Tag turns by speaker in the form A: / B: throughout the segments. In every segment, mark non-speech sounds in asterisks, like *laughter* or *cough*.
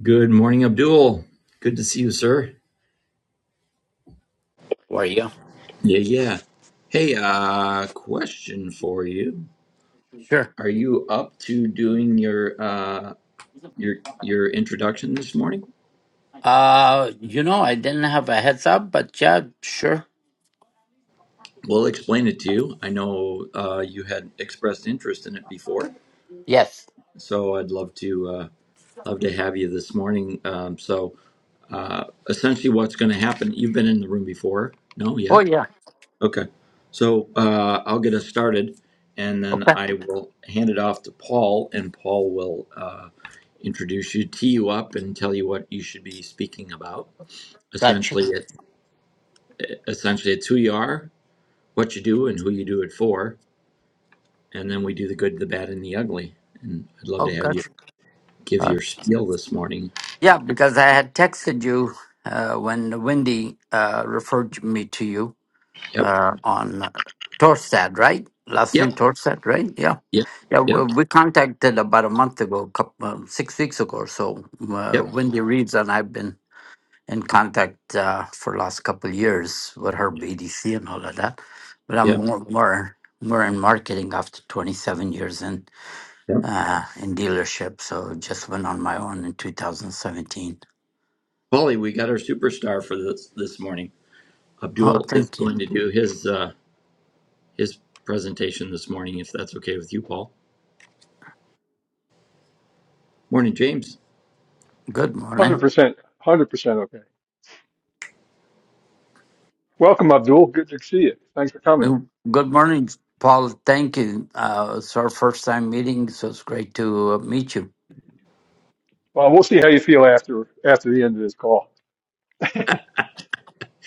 A: Good morning, Abdul. Good to see you, sir.
B: Were you?
A: Yeah, yeah. Hey, uh, question for you.
B: Sure.
A: Are you up to doing your uh your your introduction this morning?
B: Uh, you know, I didn't have a heads up, but yeah, sure.
A: We'll explain it to you. I know uh you had expressed interest in it before,
B: Yes.
A: so I'd love to uh love to have you this morning. Um so uh essentially what's going to happen, you've been in the room before. No,
B: Oh,
A: yeah.
B: yeah.
A: Okay, so uh, I'll get us started, and then
B: Okay.
A: I will hand it off to Paul, and Paul will uh, introduce you, tee you up, and tell you what you should be speaking about.
B: Gotcha.
A: Essentially, it, essentially, it's who you are, what you do, and who you do it for, and then we do the good, the bad, and the ugly. And I'd love
B: Oh,
A: to have you
B: gotcha.
A: give
B: Uh,
A: your spiel this morning.
B: yeah, because I had texted you uh, when Wendy uh, referred me to you
A: Yep,
B: uh, on uh, Torstad, right? Last name
A: yep,
B: Torstad, right? Yeah.
A: yep,
B: Yeah, we,
A: yep,
B: we contacted about a month ago, couple, uh, six weeks ago or so. Uh,
A: yep,
B: Wendy Reeves and I've been in contact uh, for last couple years with her BDC and all of that. But I'm
A: yep,
B: more more more in marketing after 27 years in
A: yep.
B: uh, in dealership. So just went on my own in 2017.
A: Paulie, we got our superstar for this this morning.
B: Oh,
A: Abdul is
B: thank you.
A: going to do his. Uh, his presentation this morning, if that's okay with you, Paul. Morning, James.
B: Good
C: Hundred
B: morning.
C: percent, hundred percent. Okay. Welcome, Abdul. Good to see you. Thanks for coming.
B: Oh, Good morning, Paul. Thank you. Uh, it's our first time meeting, so it's great to uh, meet you.
C: Well, we'll see how you feel after after the end of this call. *laughs*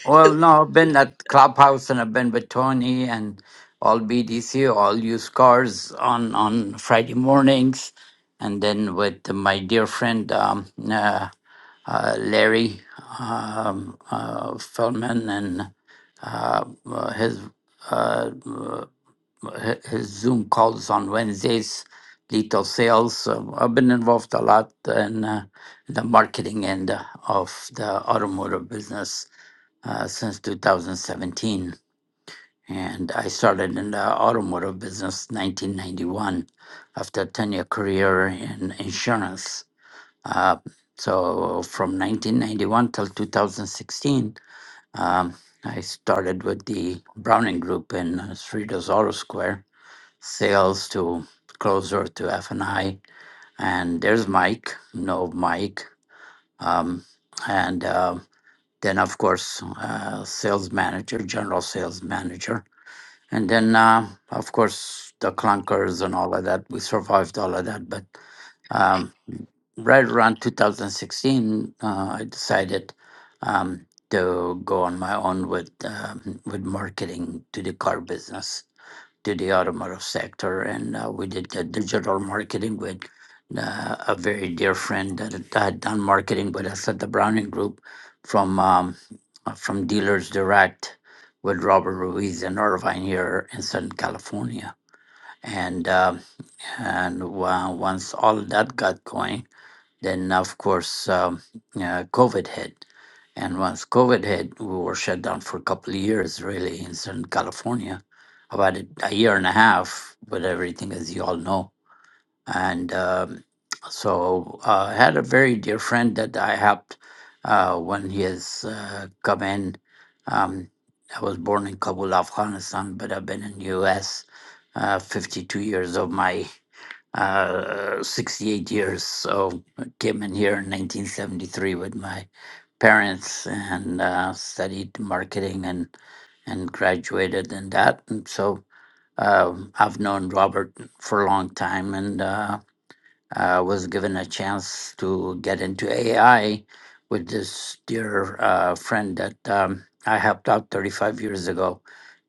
B: Well, no, I've been at Clubhouse and I've been with Tony and all BDC, all used cars on, on Friday mornings. And then with my dear friend um, uh, uh, Larry um, uh, Feldman and uh, uh, his, uh, uh, his Zoom calls on Wednesdays, Lethal Sales. So I've been involved a lot in uh, the marketing end of the automotive business uh, since 2017. And I started in the automotive business 1991 after a 10 year career in insurance. Uh, so from 1991 till 2016, um, I started with the Browning Group in uh, Cerritos Auto Square, sales to closer to F&I. And I. And there's Mike, no Mike. Um, and uh, then, of course, uh, sales manager, general sales manager. And then, uh, of course, the clunkers and all of that. We survived all of that. But um, right around 2016, uh, I decided um, to go on my own with um, with marketing to the car business, to the automotive sector, and uh, we did the digital marketing with. Uh, a very dear friend that had had done marketing with us at the Browning Group from um, uh, from Dealers Direct, with Robert Ruiz and Irvine here in Southern California. And uh, and uh, once all of that got going, then of course um, uh, COVID hit. And once COVID hit, we were shut down for a couple of years, really, in Southern California, about a, a year and a half. But everything, as you all know, and um, so uh, I had a very dear friend that I helped uh, when he has uh, come in. Um, I was born in Kabul, Afghanistan, but I've been in U.S. Uh, 52 years of my uh, 68 years. So I came in here in 1973 with my parents and uh, studied marketing and and graduated in that. And so um I've known Robert for a long time, and. Uh, I was given a chance to get into AI with this dear uh, friend that um, I helped out 35 years ago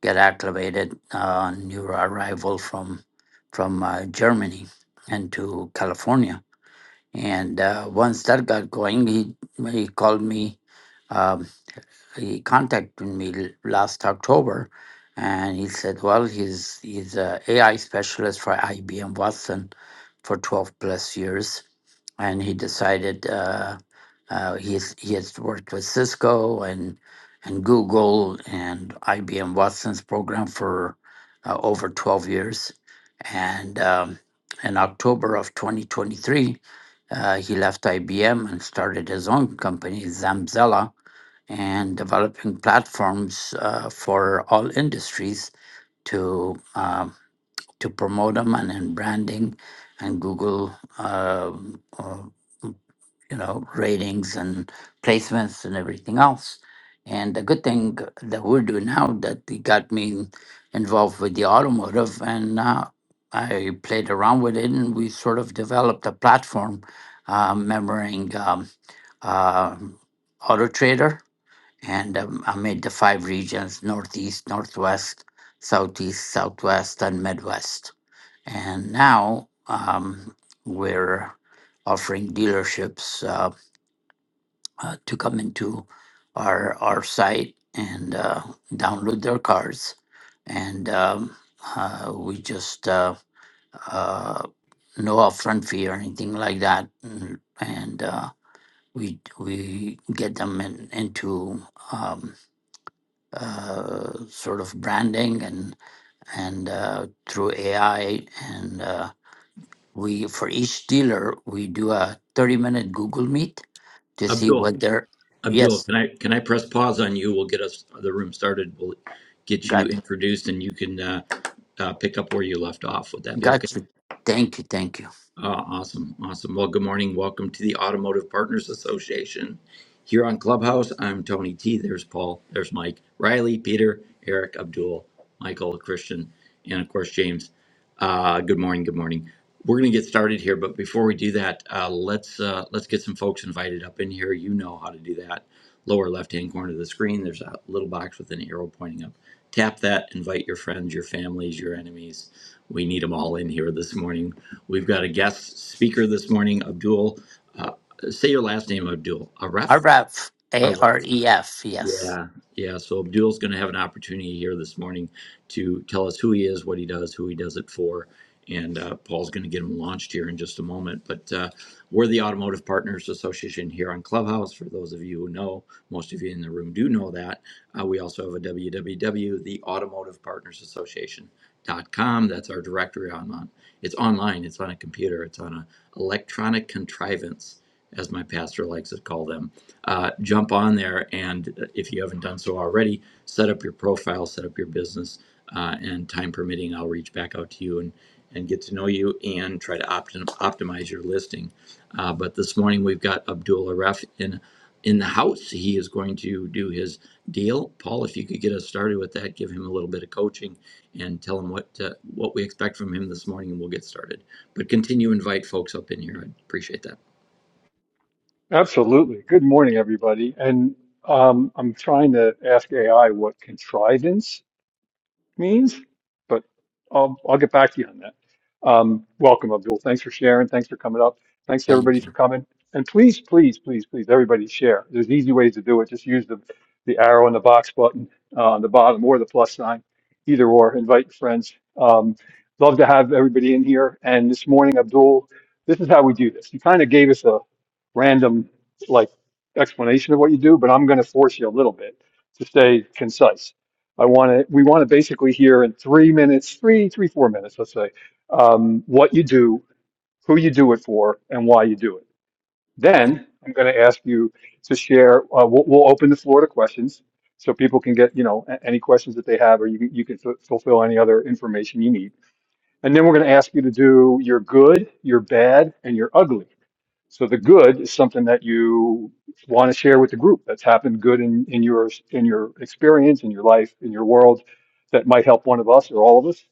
B: get acclimated uh, new arrival from from uh, Germany and to California. And uh, once that got going, he he called me. Um, he contacted me l- last October, and he said, "Well, he's he's a AI specialist for IBM Watson for 12 plus years." and he decided uh, uh, he's, he has worked with Cisco and and Google and IBM Watson's program for uh, over 12 years. And um, in October of 2023, uh, he left IBM and started his own company, Zamzella, and developing platforms uh, for all industries to um, to promote them and in branding and Google, um, uh, you know, ratings and placements and everything else. And the good thing that we're doing now that it got me involved with the automotive and uh, I played around with it and we sort of developed a platform uh, memorizing um, uh, Auto Trader. And um, I made the five regions Northeast, Northwest, Southeast, Southwest, and Midwest and now um, we're offering dealerships uh, uh, to come into our our site and uh, download their cars. And um, uh, we just uh, uh, no upfront fee or anything like that, Mm, and uh, we we get them in, into um, uh, sort of branding and and uh, through AI and. Uh, we for each dealer we do a 30 minute google meet to see
A: Abdul,
B: what they're
A: Abdul,
B: yes
A: can I can I press pause on you? We'll get us the room started. We'll get you
B: got
A: introduced, and you can uh, uh, pick up where you left off. Would that be okay?
B: got you thank you thank you
A: Uh, awesome, awesome. Well, good morning. Welcome to the Automotive Partners Association. Here on Clubhouse, I'm Tony T. There's Paul. There's Mike, Riley, Peter, Eric, Abdul, Michael, Christian, and of course James. Uh, good morning. Good morning. We're going to get started here, but before we do that, uh, let's uh, let's get some folks invited up in here. You know how to do that. Lower left-hand corner of the screen, there's a little box with an arrow pointing up. Tap that. Invite your friends, your families, your enemies. We need them all in here this morning We've got a guest speaker this morning, Abdul. Uh, say your last name, Abdul. Aref?
B: aref
A: Aref.
B: a-r-e-f yes
A: Yeah, yeah. So Abdul's going to have an opportunity here this morning to tell us who he is, what he does, who he does it for, and uh, Paul's going to get him launched here in just a moment. But uh, we're the Automotive Partners Association here on Clubhouse. For those of you who know, most of you in the room do know that. Uh, we also have a www, the Automotive Partners Association. Dot com. That's our directory online. It's online. It's on a computer. It's on a electronic contrivance, as my pastor likes to call them uh, jump on there and uh, if you haven't done so already set up your profile set up your business uh, and time permitting i'll reach back out to you and and get to know you and try to opt- optimize your listing uh, but this morning we've got abdul aref in in the house he is going to do his deal paul if you could get us started with that give him a little bit of coaching and tell him what uh, what we expect from him this morning and we'll get started but continue to invite folks up in here i appreciate that
C: Absolutely. Good morning, everybody. And um, I'm trying to ask AI what contrivance means, but I'll, I'll get back to you on that. Um, welcome, Abdul. Thanks for sharing. Thanks for coming up. Thanks to
B: thank
C: everybody
B: you
C: for coming. And please, please, please, please, everybody share. There's easy ways to do it. Just use the, the arrow in the box button uh, on the bottom or the plus sign, either or. Invite your friends. Um, love to have everybody in here. And this morning, Abdul, this is how we do this. You kind of gave us a random like explanation of what you do, but I'm going to force you a little bit to stay concise. I want to, we want to basically hear in three minutes, three, three, four minutes, let's say, um, what you do, who you do it for, and why you do it. Then I'm going to ask you to share, uh, we'll, we'll open the floor to questions so people can get, you know, a- any questions that they have, or you, can- you can fu- fulfill any other information you need. And then we're going to ask you to do your good, your bad, and your ugly. So the good is something that you want to share with the group that's happened good in, in your in your experience, in your life, in your world that might help one of us or all of us.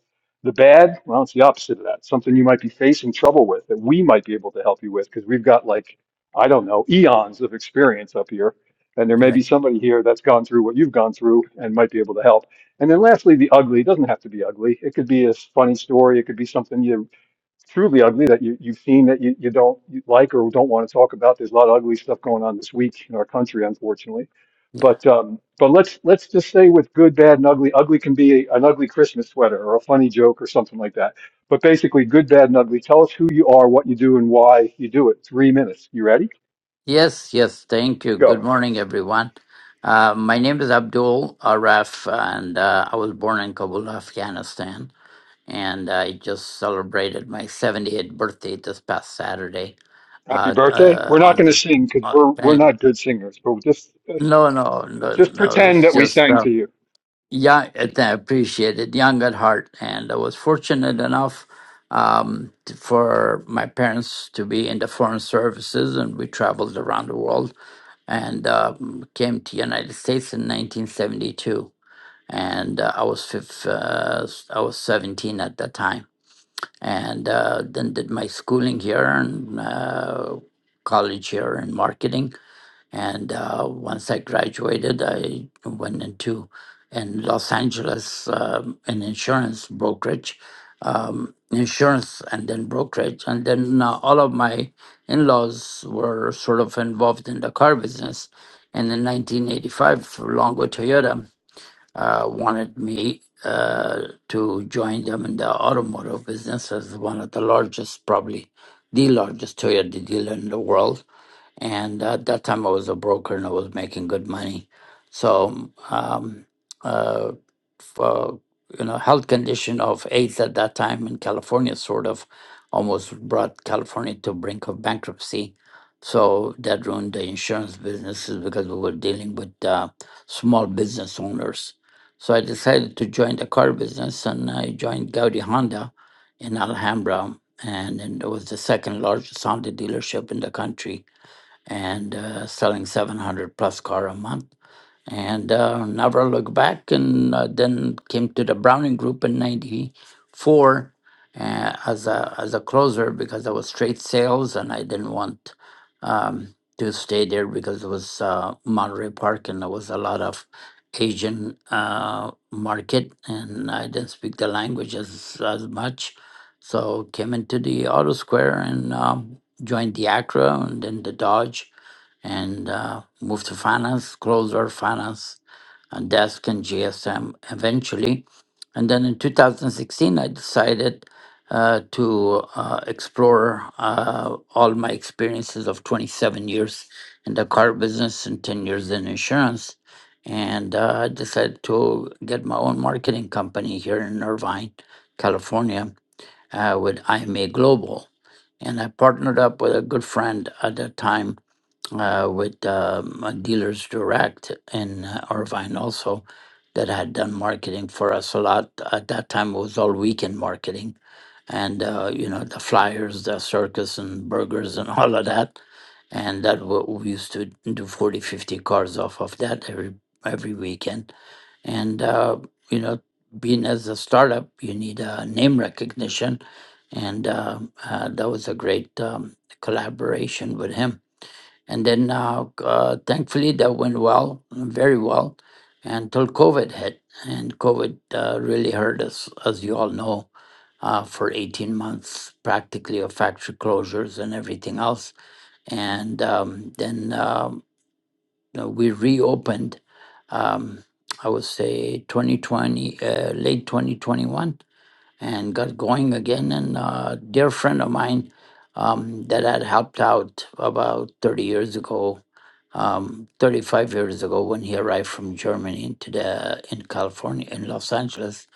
C: The bad, well, it's the opposite of that. Something you might be facing trouble with that we might be able to help you with because we've got like, I don't know, eons of experience up here. And there may be somebody here that's gone through what you've gone through and might be able to help. And then lastly, the ugly it doesn't have to be ugly. It could be a funny story. It could be something you truly ugly that you, you've seen that you, you don't you like or don't want to talk about. There's a lot of ugly stuff going on this week in our country, unfortunately.
B: yeah
C: But um, but let's let's just say with good, bad, and ugly. Ugly can be an ugly Christmas sweater or a funny joke or something like that. But basically, good, bad, and ugly. Tell us who you are, what you do, and why you do it. Three minutes. You ready?
B: yes yes thank you
C: Go.
B: good morning everyone uh, my name is abdul aref and uh, i was born in kabul afghanistan and i just celebrated my 78th birthday this past saturday
C: Happy
B: uh,
C: birthday.
B: uh,
C: We're not
B: on
C: going to
B: the
C: sing because we're we're
B: uh,
C: not good singers. But just
B: No, no, no,
C: just
B: no.
C: pretend
B: It's
C: that we
B: just
C: sang
B: uh,
C: to you.
B: young. I think I appreciate it. Young at heart, and I was fortunate enough um, t- for my parents to be in the foreign services, and we traveled around the world and um, came to United States in 1972. And uh, I was fifth, uh, s- I was 17 at that time, and uh, then did my schooling here and uh, college here in marketing and uh, once I graduated, I went into in Los Angeles um, an insurance brokerage, um, insurance and then brokerage, and then uh, all of my in-laws were sort of involved in the car business. And in 1985, Longo Toyota uh, wanted me uh, to join them in the automotive business as one of the largest, probably the largest Toyota dealer in the world and uh, at that time I was a broker and I was making good money. So, um, uh, for, you know, health condition of AIDS at that time in California sort of almost brought California to brink of bankruptcy. So that ruined the insurance businesses because we were dealing with uh, small business owners. So I decided to join the car business and I joined Gaudi Honda in Alhambra. And, and it was the second largest Honda dealership in the country and uh, selling 700 plus car a month and uh, never looked back and uh, then came to the browning group in 94 uh, as a as a closer because i was straight sales and i didn't want um, to stay there because it was uh, monterey park and there was a lot of asian uh, market and i didn't speak the language as, as much so came into the auto square and um, joined the Acura and then the dodge and uh, moved to finance, closer finance uh, desk and GSM eventually. And then in 2016, I decided uh, to uh, explore uh, all my experiences of 27 years in the car business and 10 years in insurance. And uh, I decided to get my own marketing company here in Irvine, California, uh, with IMA Global. And I partnered up with a good friend at that time uh, with um, uh, Dealers Direct in uh, Irvine also that had done marketing for us a lot. At that time, it was all weekend marketing and, uh, you know, the flyers, the circus and burgers and *laughs* all of that. And that wa- we used to do 40, 50 cars off of that every every weekend. And, uh, you know, being as a startup, you need uh, name recognition. And uh, uh, that was a great um, collaboration with him and then uh, uh, thankfully that went well, very well, until COVID hit. And COVID uh, really hurt us, as you all know, uh, for 18 months, practically of factory closures and everything else. And um, then um, you know, we reopened, um, I would say 2020, uh, late 2021 and got going again. And a dear friend of mine um, that had helped out about 30 years ago, um, 35 years ago, when he arrived from Germany into the in California in Los Angeles,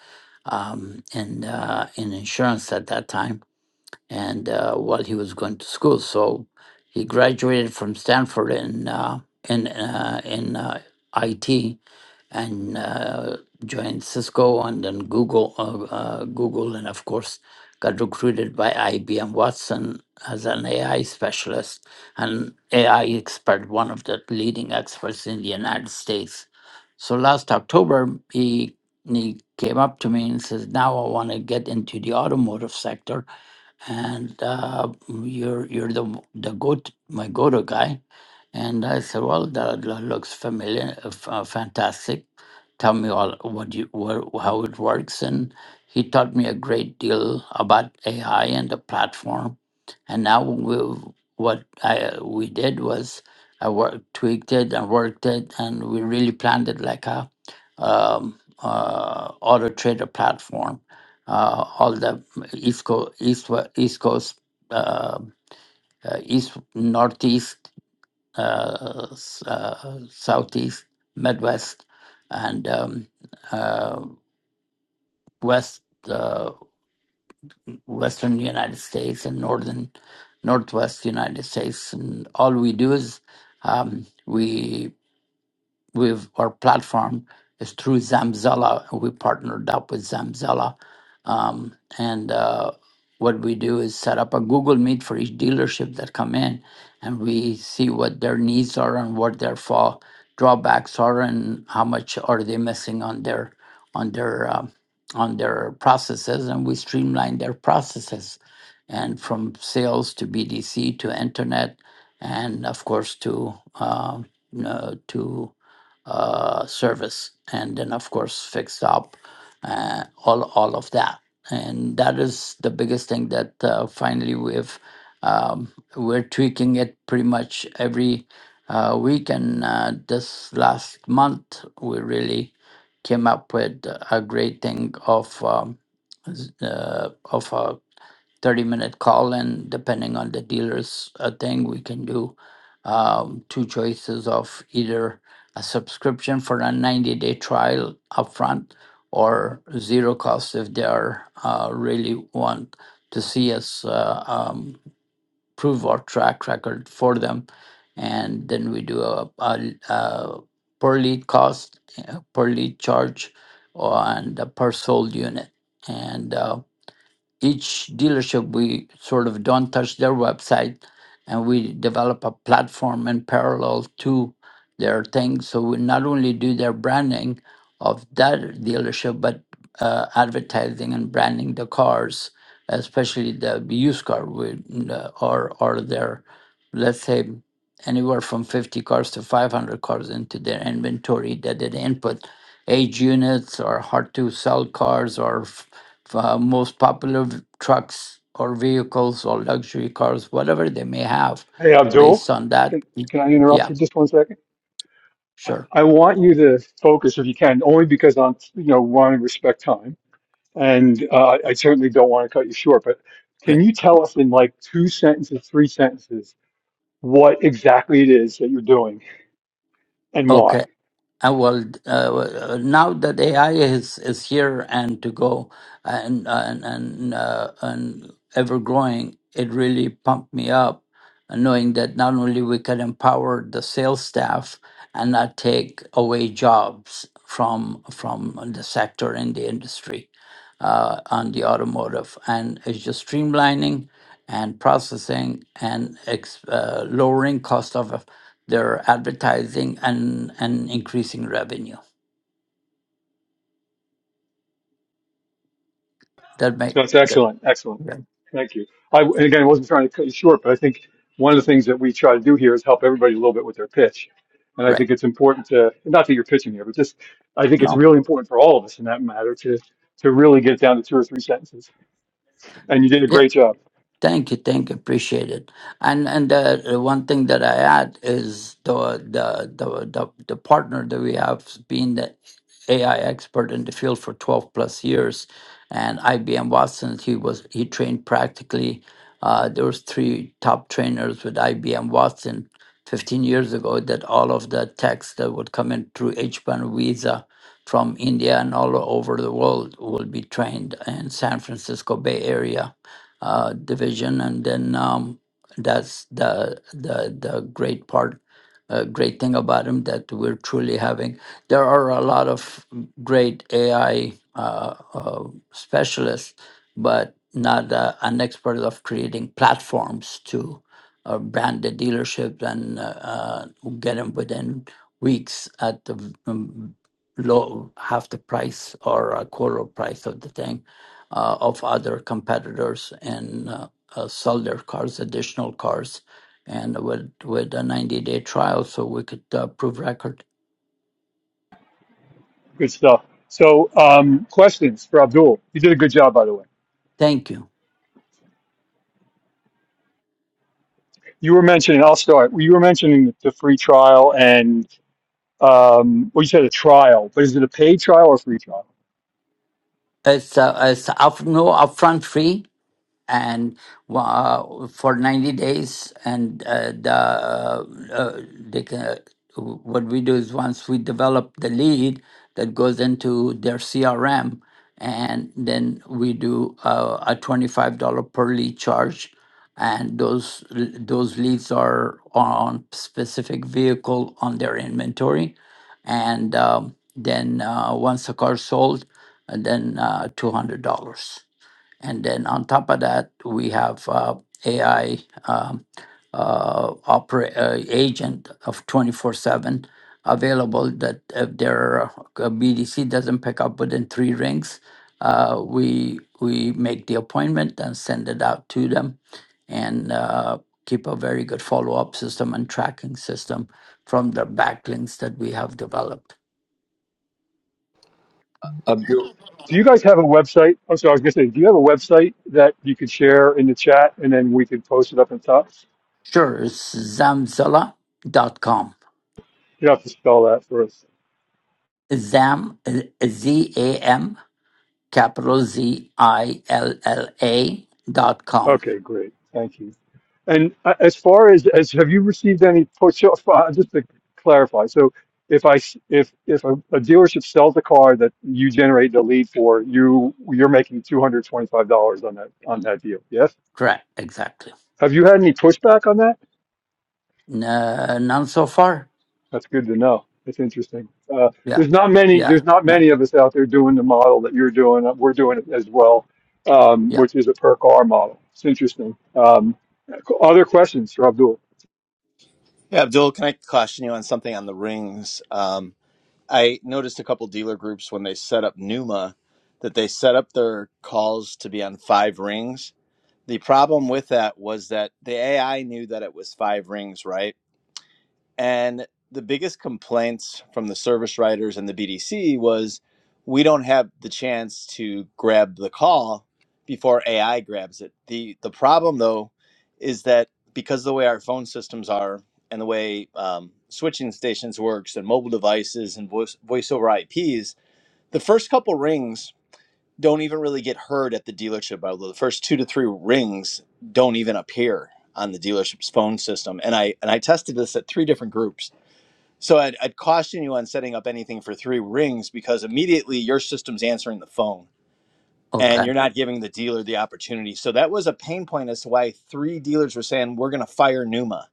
B: um, and uh, in insurance at that time, and uh, while he was going to school, so he graduated from Stanford in uh, in uh, in uh, IT, and uh, joined Cisco and then Google, uh, uh, Google, and of course got recruited by IBM Watson as an AI specialist and AI expert, one of the leading experts in the United States. So last October, he he came up to me and says, "Now I want to get into the automotive sector." and uh, you're you're the the goat my go-to guy and i said well that, that looks familiar uh, f- uh, fantastic tell me all what you where, how it works and he taught me a great deal about ai and the platform and now we, what i we did was i worked tweaked it and worked it and we really planned it like a um, uh, auto trader platform uh, all the East Coast, East, wa- East Coast, uh, uh, East, Northeast, uh, s- uh, Southeast, Midwest, and um, uh, West, uh, Western United States, and Northern, Northwest United States. And all we do is um, we with our platform is through Zamzella. We partnered up with Zamzella. Um, and uh, what we do is set up a Google Meet for each dealership that come in, and we see what their needs are and what their fall drawbacks are, and how much are they missing on their on their um, on their processes, and we streamline their processes, and from sales to BDC to internet, and of course to um, uh, to uh, service, and then of course fixed up uh, all all of that, and that is the biggest thing that uh, finally we've um, we're tweaking it pretty much every uh, week, and uh, this last month we really came up with a great thing of um, z- uh, of a 30 minute call and depending on the dealer's uh, thing we can do um, two choices of either a subscription for a 90 day trial upfront or zero cost if they are uh, really want to see us uh, um, prove our track record for them. And then we do a, a, a per lead cost, uh, per lead charge, and a per sold unit. And uh, each dealership we sort of don't touch their website and we develop a platform in parallel to their thing so we not only do their branding of that dealership but uh, advertising and branding the cars especially the used car we, uh, or or their let's say anywhere from 50 cars to 500 cars into their inventory that they input age units or hard to sell cars or f- uh, most popular v- trucks or vehicles or luxury cars, whatever they may have,
C: Hey, Abdul.
B: based on that.
C: Can,
B: y-
C: can I interrupt
B: Yeah,
C: for just one second?
B: sure.
C: I want you to focus if you can, only because I'm, you know, want to respect time. And uh, I certainly don't want to cut you short, but can
B: Right.
C: you tell us in like two sentences, three sentences, what exactly it is that you're doing and
B: Okay.
C: why?
B: Uh, well, uh, well, uh, now that AI is is here and to go and and and, uh, and ever growing, it really pumped me up, uh, knowing that not only we can empower the sales staff and not take away jobs from from the sector and the industry uh, on the automotive, and it's just streamlining and processing and ex- uh, lowering cost of their advertising and and increasing revenue. That might
C: That's
B: that,
C: excellent. Excellent.
B: yeah,
C: Thank you. I, and again, I wasn't trying to cut you short, but I think one of the things that we try to do here is help everybody a little bit with their pitch. And I
B: right.
C: think it's important to, not that you're pitching here, but just, I think it's
B: No.
C: really important for all of us in that matter to, to really get down to two or three sentences. And you did a
B: Yeah.
C: great job.
B: Thank you, thank you, appreciate it. And and the, the one thing that I add is the the the the, the partner that we have has been the AI expert in the field for twelve plus years, and IBM Watson. He was he trained practically. Uh, there was three top trainers with IBM Watson fifteen years ago that all of the techs that would come in through H-1 visa from India and all over the world will be trained in San Francisco Bay Area uh, division, and then um, that's the the the great part, uh, great thing about him that we're truly having. There are a lot of great AI uh, uh, specialists, but not uh, an expert of creating platforms to uh, brand the dealership and uh, uh, get them within weeks at the um, low half the price or a quarter of price of the thing uh, of other competitors and uh, uh, sell their cars, additional cars, and with with a 90 day trial, so we could uh, prove record.
C: Good stuff. So, um, questions for Abdul. You did a good job, by the way.
B: Thank you.
C: You were mentioning, I'll start. Well, You were mentioning the free trial and, um, well, you said a trial, but is it a paid trial or free trial?
B: It's uh, it's up, no upfront fee and uh, for 90 days and uh, the uh, uh, they can, what we do is once we develop the lead that goes into their crm and then we do uh, a $25 per lead charge and those those leads are on specific vehicle on their inventory and um, then uh, once the car sold and then uh, $200 and then on top of that, we have uh, AI um, uh, opera, uh, agent of 24 7 available that if their uh, BDC doesn't pick up within three rings, uh, we, we make the appointment and send it out to them and uh, keep a very good follow up system and tracking system from the backlinks that we have developed.
A: abdul
C: Do you guys have a website? I'm sorry, I was going to say, do you have a website that you could share in the chat and then we could post it up in top?
B: Sure, it's zamzilla.com.
C: You have to spell that for us.
B: Zam, Z A M capital Z I L L A dot com.
C: Okay, great. Thank you. And uh, as far as as have you received any push off? Uh, just to clarify, so if I s- if if a, a dealership sells a car that you generate the lead for, you you're making two hundred twenty five dollars on that on that deal. Yes.
B: Correct, exactly.
C: Have you had any pushback on that?
B: No, none so far.
C: That's good to know. That's interesting. Uh,
B: Yeah,
C: there's not many.
B: yeah,
C: There's not
B: no,
C: many of us out there doing the model that you're doing. Uh, We're doing it as well, um,
B: yeah.
C: which is a per car model. It's interesting. Um, other questions, Abdul?
D: Yeah, Abdul, can I caution you on something on the rings? Um, I noticed a couple dealer groups when they set up Numa that they set up their calls to be on five rings. The problem with that was that the AI knew that it was five rings, right? And the biggest complaints from the service writers and the BDC was we don't have the chance to grab the call before AI grabs it. The the problem though is that because of the way our phone systems are and the way um, switching stations works and mobile devices and voice voice over IPs, the first couple rings don't even really get heard at the dealership. Although the first two to three rings don't even appear on the dealership's phone system. And I and I tested this at three different groups so I'd, I'd caution you on setting up anything for three rings because immediately your system's answering the phone and
B: Okay.
D: you're not giving the dealer the opportunity. So that was a pain point as to why three dealers were saying, We're going to fire Numa.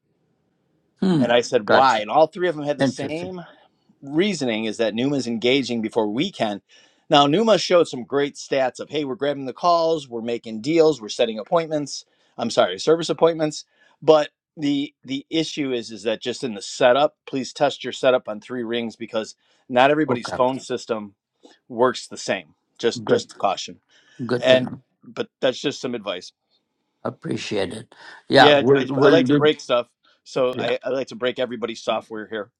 B: Hmm.
D: And I said, Why?
B: Gotcha.
D: And all three of them had the
B: Interesting.
D: same reasoning is that Numa's engaging before we can. Now, Numa showed some great stats of, hey, we're grabbing the calls, we're making deals, we're setting appointments. I'm sorry, service appointments. But the the issue is is that just in the setup, please test your setup on three rings because not everybody's
B: Okay.
D: phone system works the same. Just
B: Good.
D: just caution.
B: Good to
D: And
B: know.
D: but that's just some advice.
B: Appreciate it. Yeah,
D: Yeah,
B: we'll
D: I, I
B: we'll
D: like to
B: do.
D: break stuff, so
B: Yeah,
D: I, I like to break everybody's software here,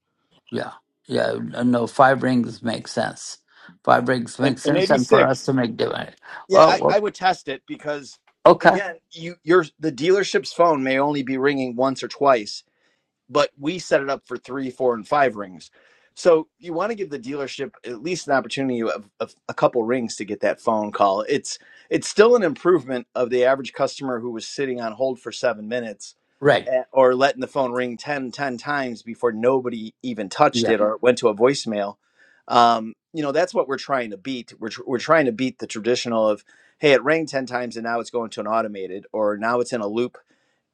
B: yeah, yeah. uh, No, five rings make sense. Five rings
D: and,
B: make
D: and
B: sense,
D: maybe
B: and for us to
D: six.
B: make divine.
D: Yeah, I,
B: Oh,
D: I would test it because
B: okay.
D: again, you your the dealership's phone may only be ringing once or twice but we set it up for three, four, and five rings. So you want to give the dealership at least an opportunity of, of a couple rings to get that phone call. It's it's still an improvement of the average customer who was sitting on hold for seven minutes
B: Right.
D: eh, or letting the phone ring 10 10 times before nobody even touched
B: Yeah.
D: it or went to a voicemail. Um, you know, that's what we're trying to beat. We're, tr- we're trying to beat the traditional of, hey, it rang 10 times and now it's going to an automated or now it's in a loop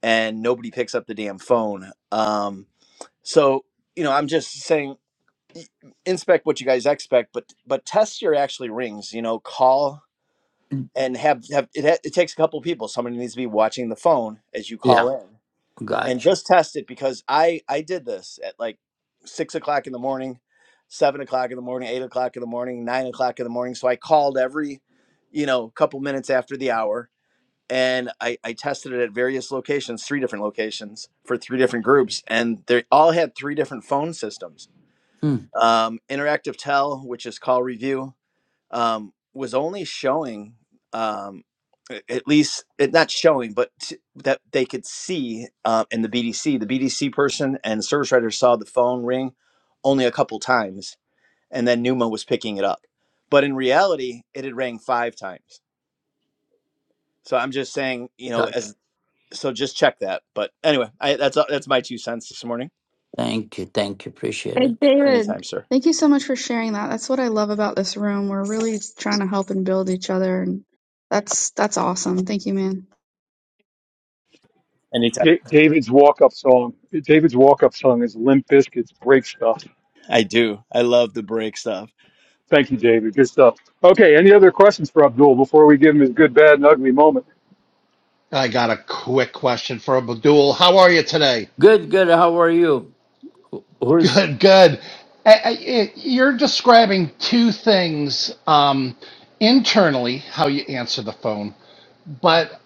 D: and nobody picks up the damn phone. Um, so, you know, I'm just saying inspect what you guys expect, but but test your actually rings, you know, call
B: Mm.
D: and have have it, ha- it takes a couple people. Somebody needs to be watching the phone as you
B: Yeah.
D: call in and
B: Gotcha.
D: just test it because I I did this at like six o'clock in the morning, seven o'clock in the morning, eight o'clock in the morning, nine o'clock in the morning. So I called every, you know, couple minutes after the hour and I, I tested it at various locations, three different locations for three different groups, and they all had three different phone systems
B: Hmm.
D: um, Interactive Tell, which is call review, um, was only showing, um, a- at least it, not showing, but t- that they could see uh, in the BDC. The BDC person and service writer saw the phone ring only a couple times, and then Numa was picking it up. But in reality, it had rang five times. So I'm just saying, you know,
B: Gotcha.
D: as so just check that. But anyway, I, that's that's my two cents this morning.
B: Thank you. Thank you. Appreciate
E: Hey,
B: it.
E: David,
D: Anytime, sir.
E: thank you so much for sharing that. That's what I love about this room. We're really trying to help and build each other, and that's that's awesome. Thank you, man.
D: Anytime.
C: Da- David's walk up song. David's walk up song is Limp Bizkit's Break Stuff.
D: I do. I love the break stuff.
C: Thank you, David. Good stuff. Okay, any other questions for Abdul before we give him his good, bad, and ugly moment?
F: I got a quick question for Abdul. How are you today?
B: Good, good. How are you? Who- Who's
F: Good, good. I, I, it, you're describing two things um, internally, how you answer the phone, but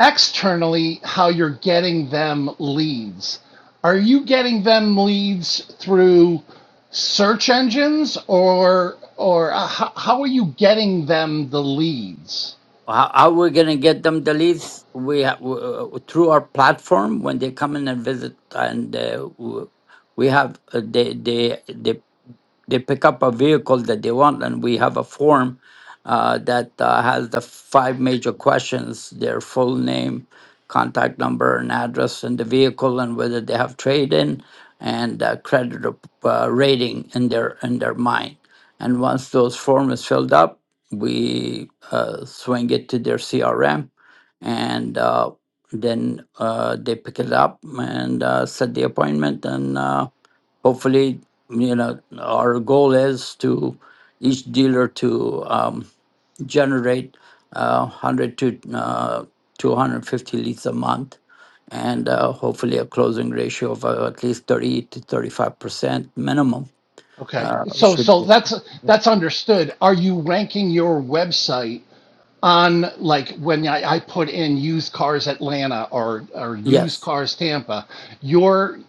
F: externally, how you're getting them leads. Are you getting them leads through search engines, or or uh, how, how are you getting them the leads?
B: how, how we gonna get them the leads? We ha- w- uh, through our platform when they come in and visit, and uh, w- we have uh, they they they they pick up a vehicle that they want and we have a form uh, that uh, has the five major questions their full name contact number and address and the vehicle and whether they have trade in and uh, credit rep- uh, rating in their in their mind and once those form is filled up we uh, swing it to their crm and uh, then uh, they pick it up and uh, set the appointment and uh, hopefully you know our goal is to each dealer to um, generate uh, 100 to uh, 250 leads a month and uh, hopefully a closing ratio of uh, at least 30 to 35 percent minimum
F: Okay,
B: uh,
F: so
B: should
F: so
B: be
F: that's that's understood. Are you ranking your website? on like when I, I put in used cars Atlanta or or used
B: yes
F: cars Tampa, you're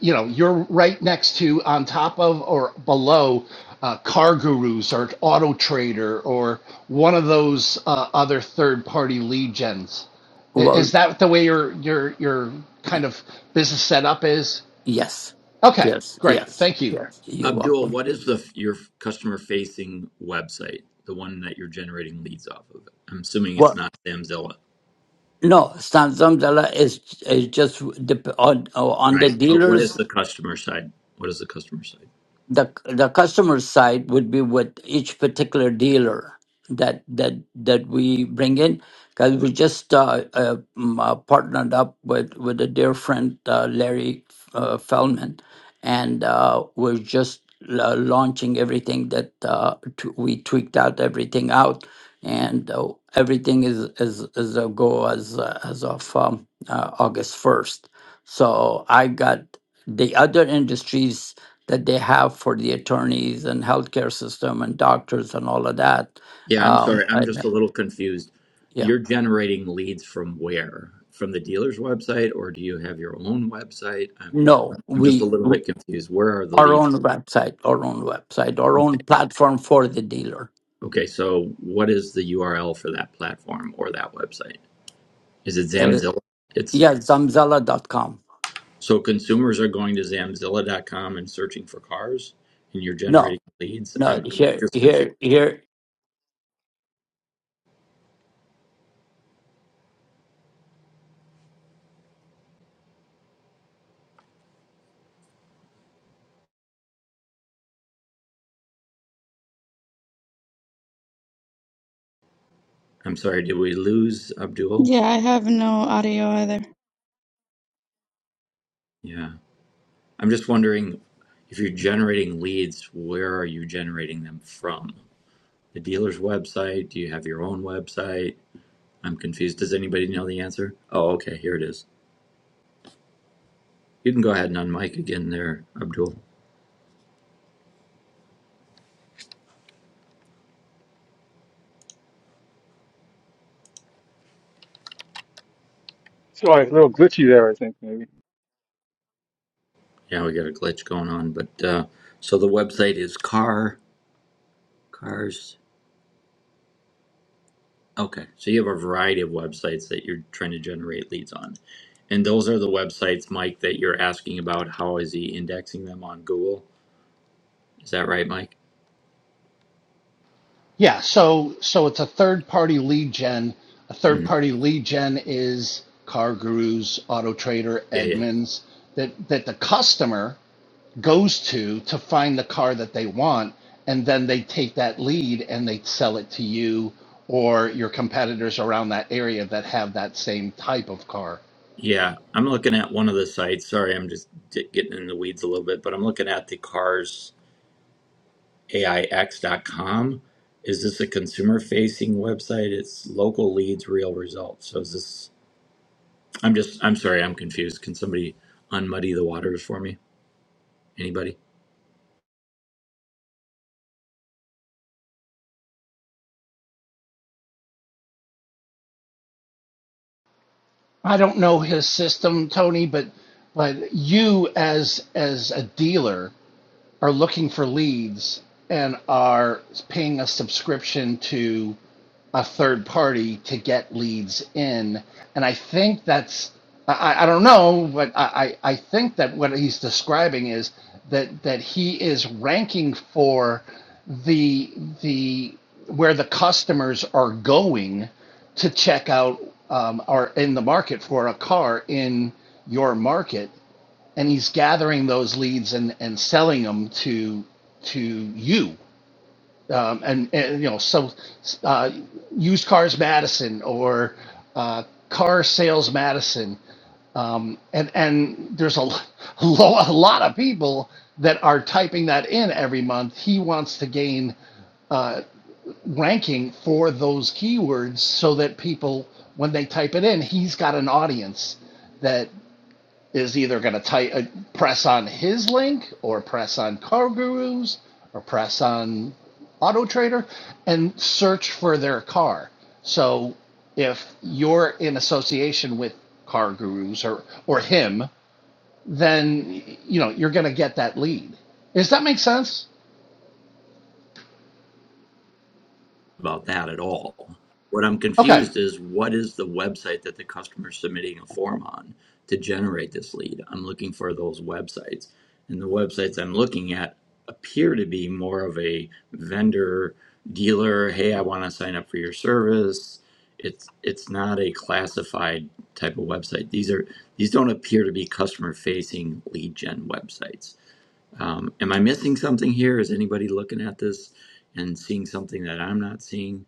F: you know you're right next to on top of or below uh, Car Gurus or Auto Trader or one of those uh, other third party lead gens. I-
B: well
F: Is that the way your your your kind
B: y-
F: of business setup is?
B: yes
F: Okay,
B: yes
F: great,
B: yes
F: thank you.
B: yes you're
A: Abdul,
B: welcome
A: what is the your customer facing website, the one that you're generating leads off of? I'm assuming it's
B: well
A: not Samzilla,
B: No, Samsung dollar is is just dep- on on the
A: right? But what
B: dealers
A: is the customer side? What is the customer side?
B: the the customer side would be with each particular dealer that that that we bring in because we just uh, uh, um, uh, partnered up with with a dear friend uh, Larry uh, Feldman, and uh, we're just uh, launching everything that uh, t- we tweaked out everything out, and uh, everything is is is a go as uh, as of um, uh, August first. So I got the other industries that they have for the attorneys and healthcare system and doctors and all of that.
A: Yeah, I'm
B: Um,
A: sorry, I'm
B: I,
A: just a little confused.
B: yeah,
A: You're generating leads from where? From the dealer's website, or do you have your own website? I'm,
B: no,
A: I'm just a
B: we
A: little bit confused. Where are the
B: our
A: leads?
B: own website, our own website, our
A: Okay,
B: own platform for the dealer.
A: okay. So what is the URL for that platform or that website? Is it
B: Uh,
A: Zamzilla? It's
B: yeah, zamzala dot com.
A: So consumers are going to Zamzilla.com and searching for cars, and you're
B: No,
A: generating leads.
B: no,
A: I'm, I'm
B: here,
A: just confused.
B: here, here.
A: I'm sorry, did we lose Abdul?
E: Yeah, I have no audio either.
A: Yeah. I'm just wondering if you're generating leads, where are you generating them from? The dealer's website? Do you have your own website? I'm confused. Does anybody know the answer? Oh, okay, here it is. You can go ahead and unmic again there, Abdul.
C: Sorry, a little glitchy there, I think, maybe.
A: Yeah, we got a glitch going on, but uh, so the website is car cars Okay. So you have a variety of websites that you're trying to generate leads on. And those are the websites, Mike, that you're asking about. How is he indexing them on Google? Is that right, Mike?
F: Yeah, so so it's a third party lead gen. A third
A: Mhm.
F: party lead gen is Car Gurus, Auto Trader,
A: Yeah, yeah.
F: Edmunds that that the customer goes to to find the car that they want, and then they take that lead and they sell it to you or your competitors around that area that have that same type of car.
A: Yeah. I'm looking at one of the sites. Sorry, I'm just di- getting in the weeds a little bit, but I'm looking at the carsaix.com. Is this a consumer facing website? It's local leads, real results. So is this, I'm just, I'm sorry, I'm confused. Can somebody unmuddy the waters for me? Anybody?
F: I don't know his system, Tony, but but you as as a dealer are looking for leads and are paying a subscription to a third party to get leads in. And I think that's, I, I don't know, but I, I I think that what he's describing is that, that he is ranking for the, the, where the customers are going to check out um, or in the market for a car in your market and he's gathering those leads and and selling them to to you um, and, and you know so uh, used cars Madison or uh, car sales Madison um, and and there's a, lo- *laughs* a lot of people that are typing that in every month. He wants to gain ranking for those keywords so that people when they type it in, he's got an audience that is either going to tight uh, press on his link or press on CarGurus or press on Auto Trader and search for their car. So if you're in association with CarGurus or or him, then you know you're going to get that lead. Does that make sense?
A: about that at all. What I'm
F: Okay,
A: confused is what is the website that the customer is submitting a form on to generate this lead? I'm looking for those websites. And the websites I'm looking at appear to be more of a vendor dealer, hey, I want to sign up for your service. It's it's not a classified type of website. These are these don't appear to be customer facing lead gen websites. Um, am I missing something here? Is anybody looking at this and seeing something that I'm not seeing?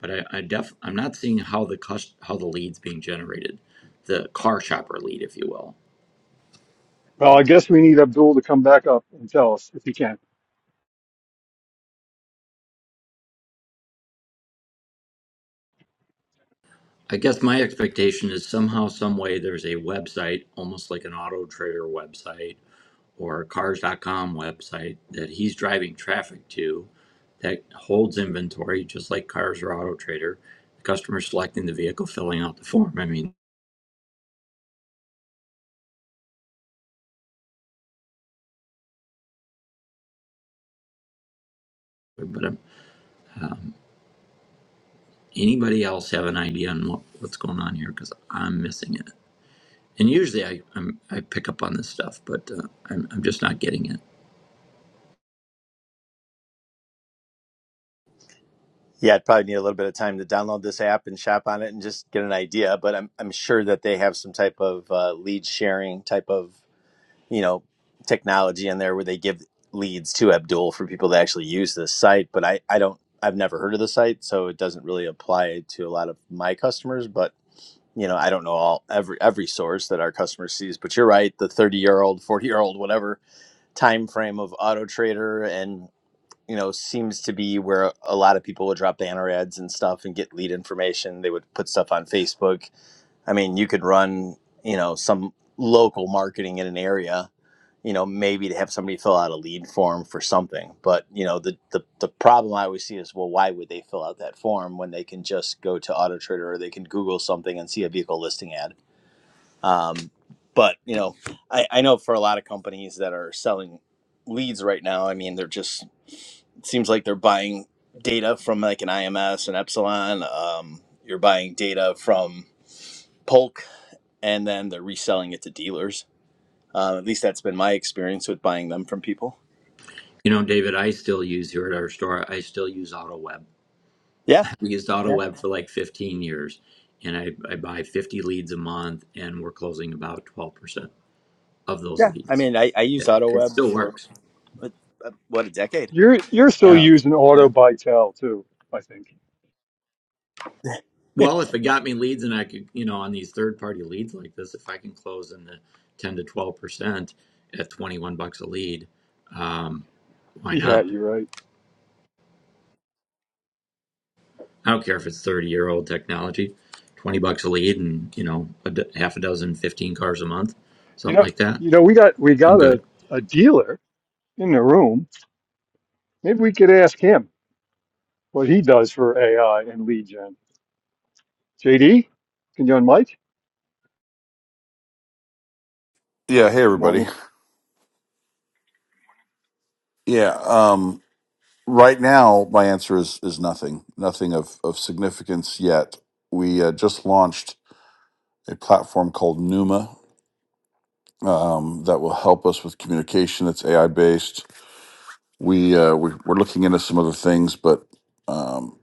A: but I, I def I'm not seeing how the cus- how the lead's being generated, the car shopper lead, if you will.
C: Well, I guess we need Abdul to come back up and tell us if he can.
A: I guess my expectation is somehow, some way, there's a website, almost like an auto trader website or a cars.com website that he's driving traffic to that holds inventory, just like cars or auto trader. The customer selecting the vehicle, filling out the form. I mean, but um, anybody else have an idea on what, what's going on here? Because I'm missing it. And usually I I'm, I pick up on this stuff, but uh, I'm I'm just not getting it.
D: Yeah, I'd probably need a little bit of time to download this app and shop on it and just get an idea. But I'm I'm sure that they have some type of uh, lead sharing type of you know technology in there where they give leads to Abdul for people that actually use this site. But I I don't I've never heard of the site, so it doesn't really apply to a lot of my customers. But you know I don't know all every every source that our customer sees. But you're right, the 30 year old, 40 year old, whatever time frame of Auto Trader and you know seems to be where a lot of people would drop banner ads and stuff and get lead information they would put stuff on facebook i mean you could run you know some local marketing in an area you know maybe to have somebody fill out a lead form for something but you know the the, the problem i always see is well why would they fill out that form when they can just go to auto trader or they can google something and see a vehicle listing ad um, but you know, I, I know for a lot of companies that are selling leads right now, I mean, they're just it seems like they're buying data from like an IMS and Epsilon. Um, you're buying data from Polk, and then they're reselling it to dealers. Um, at least that's been my experience with buying them from people.
A: You know, David, I still use here at our store. I still use AutoWeb.
D: Yeah,
A: I've used
D: yeah,
A: AutoWeb for like 15 years, and I I buy 50 leads a month, and we're closing about 12% of those
D: yeah. I
A: leads.
D: mean, I, I used
A: It, it
D: AutoWeb
A: still
D: for
A: works.
D: uh, uh, what a decade.
C: You're you're still
A: Yeah.
D: Um,
C: using auto
D: yeah.
C: by tell too, I think.
A: Well, if it got me leads, and I could, you know, on these third-party leads like this, if I can close in the 10 to 12% at 21 bucks a lead, um, why
C: Yeah,
A: not?
C: you're right.
A: I don't care if it's 30 year old technology, 20 bucks a lead and, you know, a d- half a dozen, 15 cars a month,
C: You
A: something
C: know
A: like that.
C: you know, we got we
A: I'm
C: got a,
A: good.
C: a dealer in the room. Maybe we could ask him what he does for AI and lead gen. JD, can you unmic?
G: Yeah. Hey,
C: Good morning.
G: everybody. Yeah. Um, right now, my answer is is nothing. Nothing of of significance yet. We uh, just launched a platform called Numa um, that will help us with communication. It's AI based. We, uh, we we're looking into some other things, but um,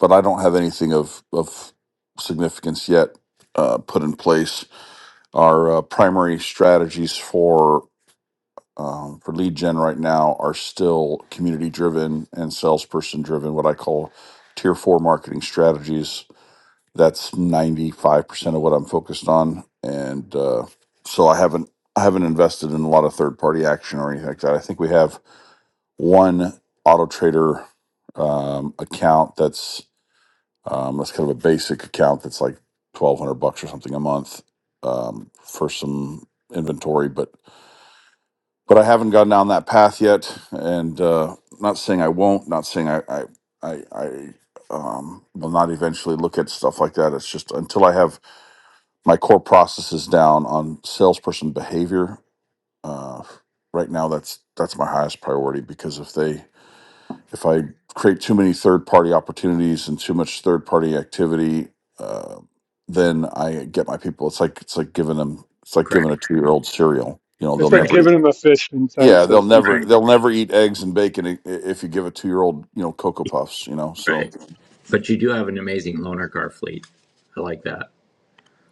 G: but I don't have anything of of significance yet. Uh, put in place our uh, primary strategies for. um, for lead gen right now are still community driven and salesperson driven, what I call tier four marketing strategies. That's 95% of what I'm focused on. And uh, so I haven't I haven't invested in a lot of third party action or anything like that. I think we have one auto trader um, account that's um, that's kind of a basic account that's like 1200 bucks or something a month um, for some inventory, but but I haven't gone down that path yet. And uh, not saying I won't, not saying I, I, I, I um, will not eventually look at stuff like that. It's just until I have my core processes down on salesperson behavior. Uh, right now, that's that's my highest priority because if they if I create too many third party opportunities and too much third party activity, uh, then I get my people. It's like it's like giving them it's like giving
A: Correct.
G: a two year old cereal. You know, they'll
C: It's like
A: Right.
G: never eat
C: giving him a fish in
G: yeah,
C: sense
G: they'll
C: of teaching
G: never
A: Right.
C: him
G: they'll
C: fish.
G: never eat eggs and bacon i- if you give a two year old you know cocoa puffs. You know, so
A: Right. But you do have an amazing loaner car fleet. I like that.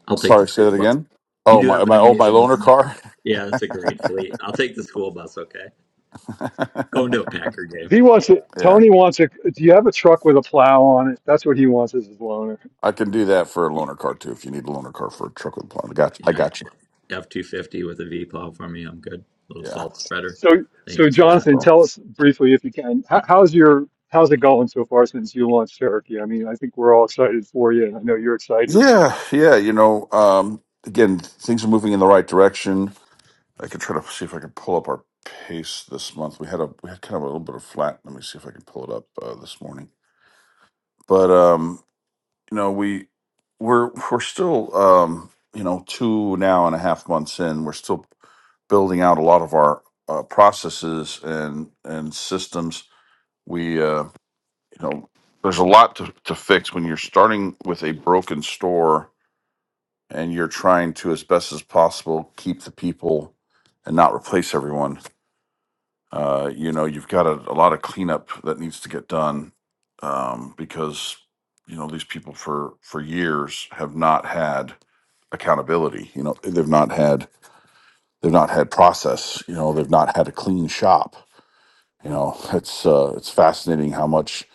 A: I'll take the
G: sorry, say
A: school
G: that
A: bus.
G: again.
A: You
G: Oh
A: do
G: my
A: have an
G: my oh my
A: amazing
G: loaner
A: loaner car.
G: car.
A: Yeah, that's a great fleet. I'll take the school bus. Okay. Going
G: *laughs*
A: to a Packer game.
C: He wants it.
G: yeah,
C: Tony wants a. Do you have a truck with a plow on it? That's what he wants as his loaner.
G: I can do that for a loaner car too. If you need a loaner car for a truck with a plan, I got you. I
A: Yeah,
G: got you.
A: F 250 with a V plow for me. I'm good. little
G: Yeah.
A: salt spreader.
C: So,
A: Thank
C: so
A: you for that.
C: Jonathan,
G: So-
C: tell us briefly, if you can, how, how's your how's it going so far since you launched Cherokee? I mean, I think we're all excited for you. and I know you're excited.
G: Yeah, yeah. You know, um, again, things are moving in the right direction. I could try to see if I can pull up our pace this month. We had a we had kind of a little bit of flat. Let me see if I can pull it up uh, this morning. But um, you know we we're we're still um you know two now and a half months in we're still building out a lot of our uh, processes and and systems we uh you know there's a lot to, to fix when you're starting with a broken store and you're trying to as best as possible keep the people and not replace everyone uh, you know, you've got a, a lot of cleanup that needs to get done um, because you know these people for for years have not had accountability. You know, they've not had they've not had process. You know, they've not had a clean shop. You know, it's uh, it's fascinating how much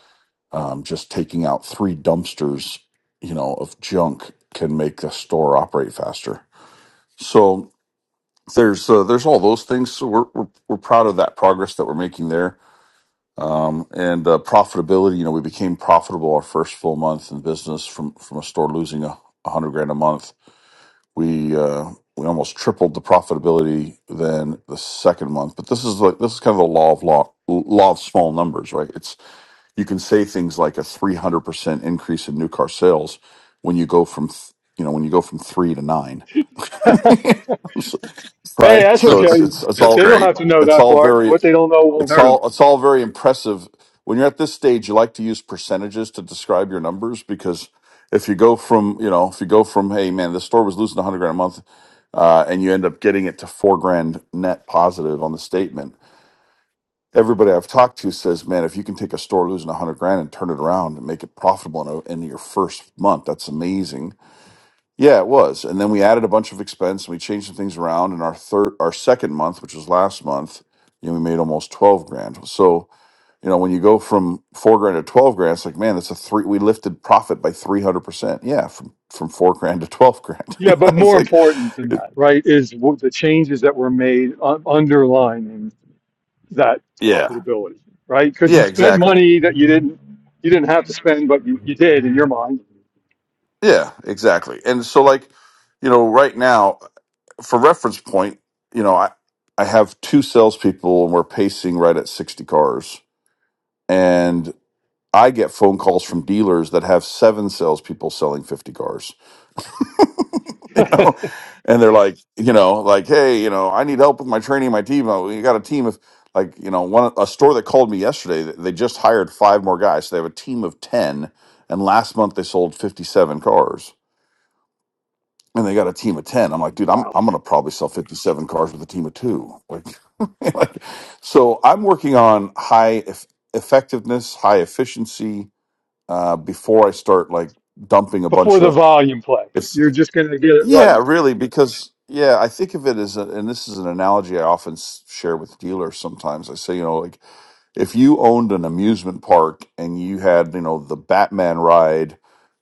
G: um, just taking out three dumpsters, you know, of junk can make a store operate faster. So there's uh, there's all those things. So we're, we're we're proud of that progress that we're making there Um, and uh, profitability, you know, we became profitable our first full month in business from from a store losing a, a hundred grand a month. We uh, we almost tripled the profitability then the second month. But this is like this is kind of the law of law law of small numbers, right? It's you can say things like a three hundred percent increase in new car sales when you go from th- you know when you go from three to nine,
C: *laughs* hey,
G: *laughs* right?
C: that's
G: So it's
C: okay.
G: it's it's
H: That's
C: They
G: all
C: don't
H: great.
C: have to know
G: it's
C: that
G: all
C: part.
G: very
C: What they don't know won't
G: It's
C: hurt them.
G: all it's all very impressive. When you're at this stage, you like to use percentages to describe your numbers because if you go from you know if you go from hey man this store was losing 100 grand a month uh, and you end up getting it to four grand net positive on the statement, everybody I've talked to says, man, if you can take a store losing 100 grand and turn it around and make it profitable in, a, in your first month, that's amazing. Yeah, it was. And then we added a bunch of expense and we changed some things around. in our third, our second month, which was last month, you know, we made almost 12 grand. So you know, when you go from four grand to twelve grand, it's like, man, that's a three. We lifted profit by three hundred percent. Yeah, from from four grand to twelve grand. *laughs*
C: Yeah,
G: You know,
C: but
G: it's
C: more
G: like,
C: important than
G: it-
C: that, right, is what the changes that were made uh, underlying. that
G: yeah,
C: profitability, right? Because you
G: yeah,
C: spent
G: exactly,
C: money that you didn't you didn't have to spend, but you, you did in your mind.
G: yeah, exactly. And so, like, you know, right now, for reference point, you know, I I have two salespeople, and we're pacing right at sixty cars, and I get phone calls from dealers that have seven salespeople selling fifty cars *laughs* you know, and they're like, you know, like, hey, you know, I need help with my training, my team. Oh, We got a team of like, you know, one a store that called me yesterday. th- They just hired five more guys, so they have a team of ten. And last month they sold fifty-seven cars, and they got a team of ten. I'm like,
C: *laughs*
G: dude, I'm
C: wow.
G: I'm gonna probably sell fifty-seven cars with a team of two. Like, *laughs* like so I'm working on high eff- effectiveness, high efficiency uh, before I start like dumping a
C: Before
G: bunch
C: the
G: of.
C: volume play, you're just going to get it right.
G: Yeah, really, because yeah, I think of it as, a, and this is an analogy I often s- share with dealers. Sometimes I say, you know, like if you owned an amusement park and you had, you know, the Batman ride,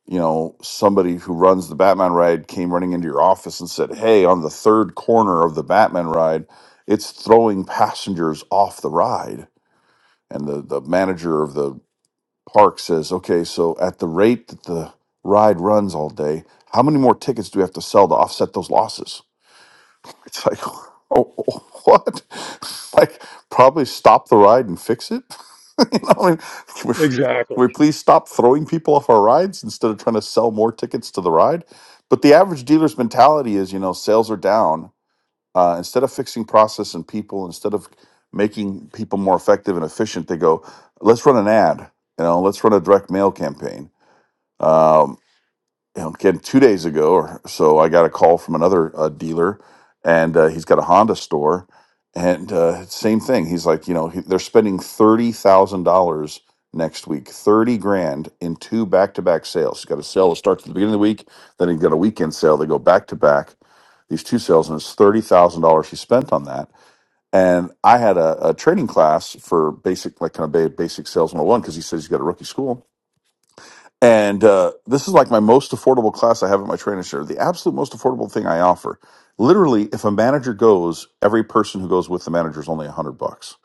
G: you know, somebody who runs the Batman ride came running into your office and said, "Hey, on the third corner of the Batman ride, it's throwing passengers off the ride." And the the manager of the Park says, okay, so at the rate that the ride runs all day, how many more tickets do we have to sell to offset those losses? It's like, *laughs* oh, oh, what? *laughs* like, probably stop the ride and fix it. *laughs* you know, I mean, can we, can
C: Exactly.
G: we please stop throwing people off our rides instead of trying to sell more tickets to the ride? But the average dealer's mentality is, you know, sales are down uh, instead of fixing process and people, instead of making people more effective and efficient, they go, let's run an ad. You know, let's run a direct mail campaign. Um, um, again two days ago or so i got a call from another uh, dealer and uh, he's got a honda store and uh, same thing he's like you know he, they're spending $30000 next week 30 grand in two back-to-back sales he's got a sale that starts at the beginning of the week then he's got a weekend sale they go back-to-back these two sales and it's $30000 he spent on that and i had a, a training class for basic like kind of ba- basic sales 101 because he says he's got a rookie school and uh, this is like my most affordable class I have at my training center. The absolute most affordable thing I offer. Literally, if a manager goes, every person who goes with the manager is only a hundred bucks.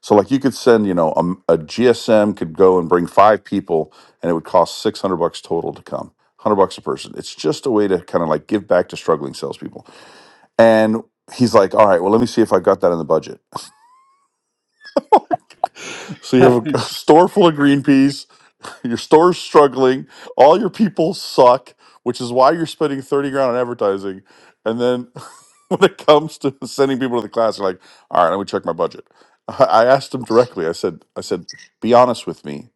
G: So, like, you could send, you know, a, GSM could go and bring five people, and it would cost six hundred bucks total to come. Hundred bucks a person. It's just a way to kind of like give back to struggling salespeople. And he's like, "All right, well, let me see if I've got that in the budget." So
C: *laughs*
G: you have a *laughs* store full of green peas Your store's struggling. All your people suck, which is why you're spending 30 grand on advertising. And then *laughs* when it comes to sending people to the class, you're like, all right, let me check my budget. *laughs* I I asked them directly. I said, I said, be honest with me.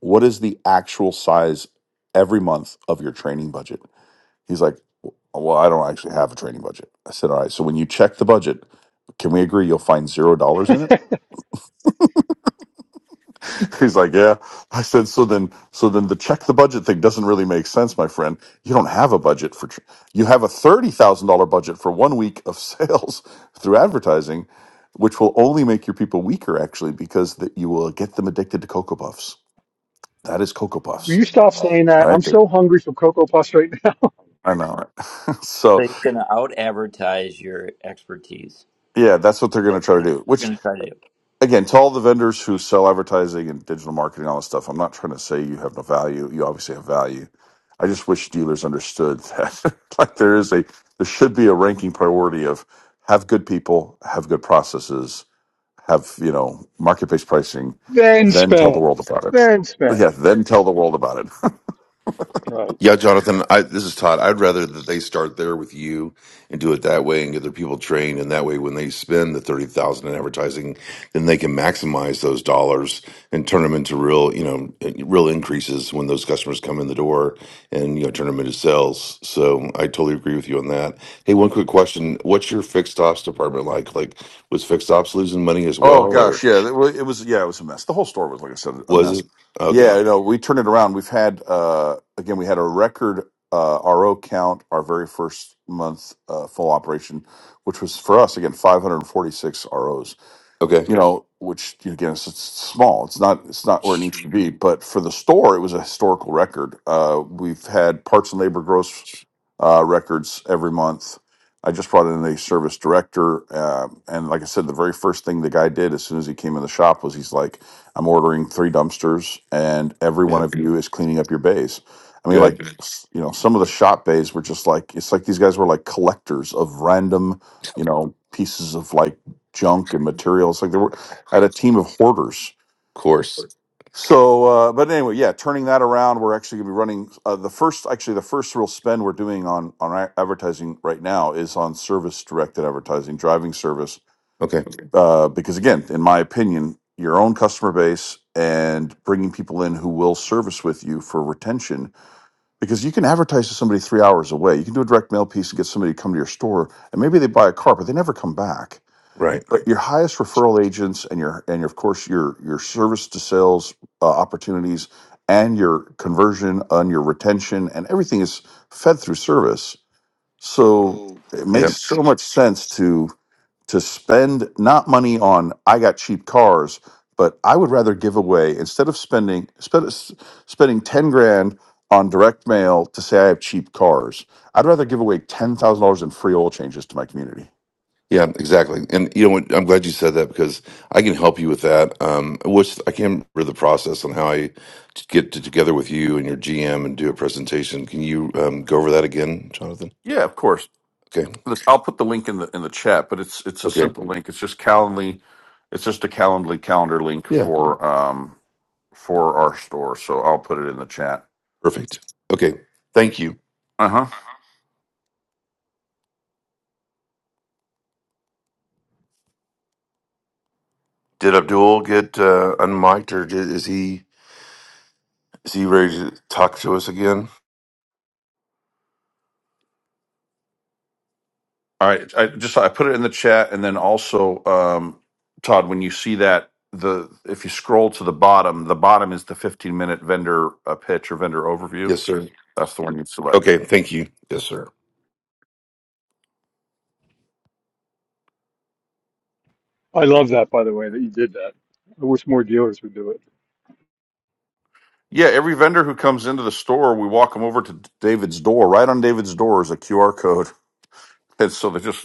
G: What is the actual size every month of your training budget? He's like, well, I don't actually have a training budget. I said, all right. So when you check the budget, can we agree you'll find zero dollars in it?
C: Will
G: *laughs* He's like, yeah. I said, so then, so then the check the budget thing doesn't really make sense, my friend. You don't have a budget for, tr- you have a $30,000 budget for one week of *laughs* sales through advertising, which will only make your people weaker, actually, because that you will get them addicted to Cocoa Puffs. That is Cocoa Puffs,
C: you stop saying that? I'm
G: right? Okay.
C: so hungry for cocoa puffs right now.
G: I know. Right? *laughs*
A: So
G: so
A: you're going to out advertise your expertise.
G: yeah, that's what they're going to try to
A: That's
G: do,
A: what
G: which
A: you're going to try to do.
G: again, to all the vendors who sell advertising and digital marketing, and all this stuff, I'm not trying to say you have no value. You obviously have value. I just wish dealers understood that, *laughs* like, there is a, there should be a ranking priority of have good people, have good processes, have, you know, market based pricing,
C: *laughs* then
G: then tell the
C: spend.
G: world about it.
C: Then
G: Yeah,
C: spend.
G: then tell the world about it.
C: Right.
H: Yeah, Jonathan, I, this is Todd. I'd rather that they start there with you and do it that way and get their people trained, and that way, when they spend the thirty thousand in advertising, then they can maximize those dollars and turn them into real, you know, real increases when those customers come in the door, and you know, turn them into sales. So I totally agree with you on that. Hey, one quick question: What's your fixed ops department like? Like, was fixed ops losing money as
G: Oh
H: well, or
G: gosh, yeah, it wa- it was yeah, it was a mess. The whole store was, like I said, a
H: was
G: mess.
H: it? Okay,
G: Yeah, you know, we turned it around. We've had uh, again, we had a record uh, RO count our very first month uh, full operation, which was for us again 546 ROs.
H: okay,
G: You know, which again, it's, it's small. It's not it's not where it needs to be, but for the store, it was a historical record. Uh, we've had parts and labor gross uh, records every month. I just brought in a service director, uh, and like I said, the very first thing the guy did as soon as he came in the shop was he's like, "I'm ordering three dumpsters, and every one
H: yep,
G: of you is cleaning up your bays." I mean,
H: good,
G: like s- you know, some of the shop bays were just like it's like these guys were like collectors of random, you know, pieces of like junk and materials. Like there were I had a team of hoarders
H: of course.
G: so, uh, but anyway, yeah, turning that around, we're actually going to be running uh, the first, actually, the first real spend we're doing on on a- advertising right now is on service directed advertising, driving service,
H: Okay.
G: uh, because again, in my opinion, your own customer base and bringing people in who will service with you for retention, because you can advertise to somebody three hours away, you can do a direct mail piece and get somebody to come to your store, and maybe they buy a car, but they never come back
H: Right.
G: but your highest referral agents and your and your, of course your your service to sales uh, opportunities and your conversion and your retention and everything is fed through service so
H: So
G: it
H: Yeah.
G: makes so much sense to to spend not money on i got cheap cars but i would rather give away instead of spending spend, spending 10 grand on direct mail to say i have cheap cars i'd rather give away $10000 in free oil changes to my community
H: Yeah. Exactly. And you know what? I'm glad you said that because I can help you with that. Um, I wish I can remember the process on how I t- get to, together with you and your GM and do a presentation. Can you um, go over that again, Jonathan?
G: yeah of course
H: Okay.
G: this- I'll put the link in the in the chat, but it's it's a
H: Okay.
G: simple link. It's just Calendly. It's just a Calendly calendar link
H: Yeah.
G: for um for our store. So I'll put it in the chat.
H: Perfect. Okay. Thank you.
G: Uh huh.
H: Did Abdul get uh, unmiked or did, is he is he ready to talk to us again?
G: All right. I just I put it in the chat, and then also um Todd, when you see that the if you scroll to the bottom, the bottom is the 15 minute vendor uh, pitch or vendor overview.
H: Yes, sir.
G: That's the one you select.
H: Okay. Thank you. Yes, sir.
C: I love that, by the way, that you did that. I wish more dealers would do it.
G: Yeah, every vendor who comes into the store, we walk them over to David's door. Right on David's door is a QR code. *laughs* And so they just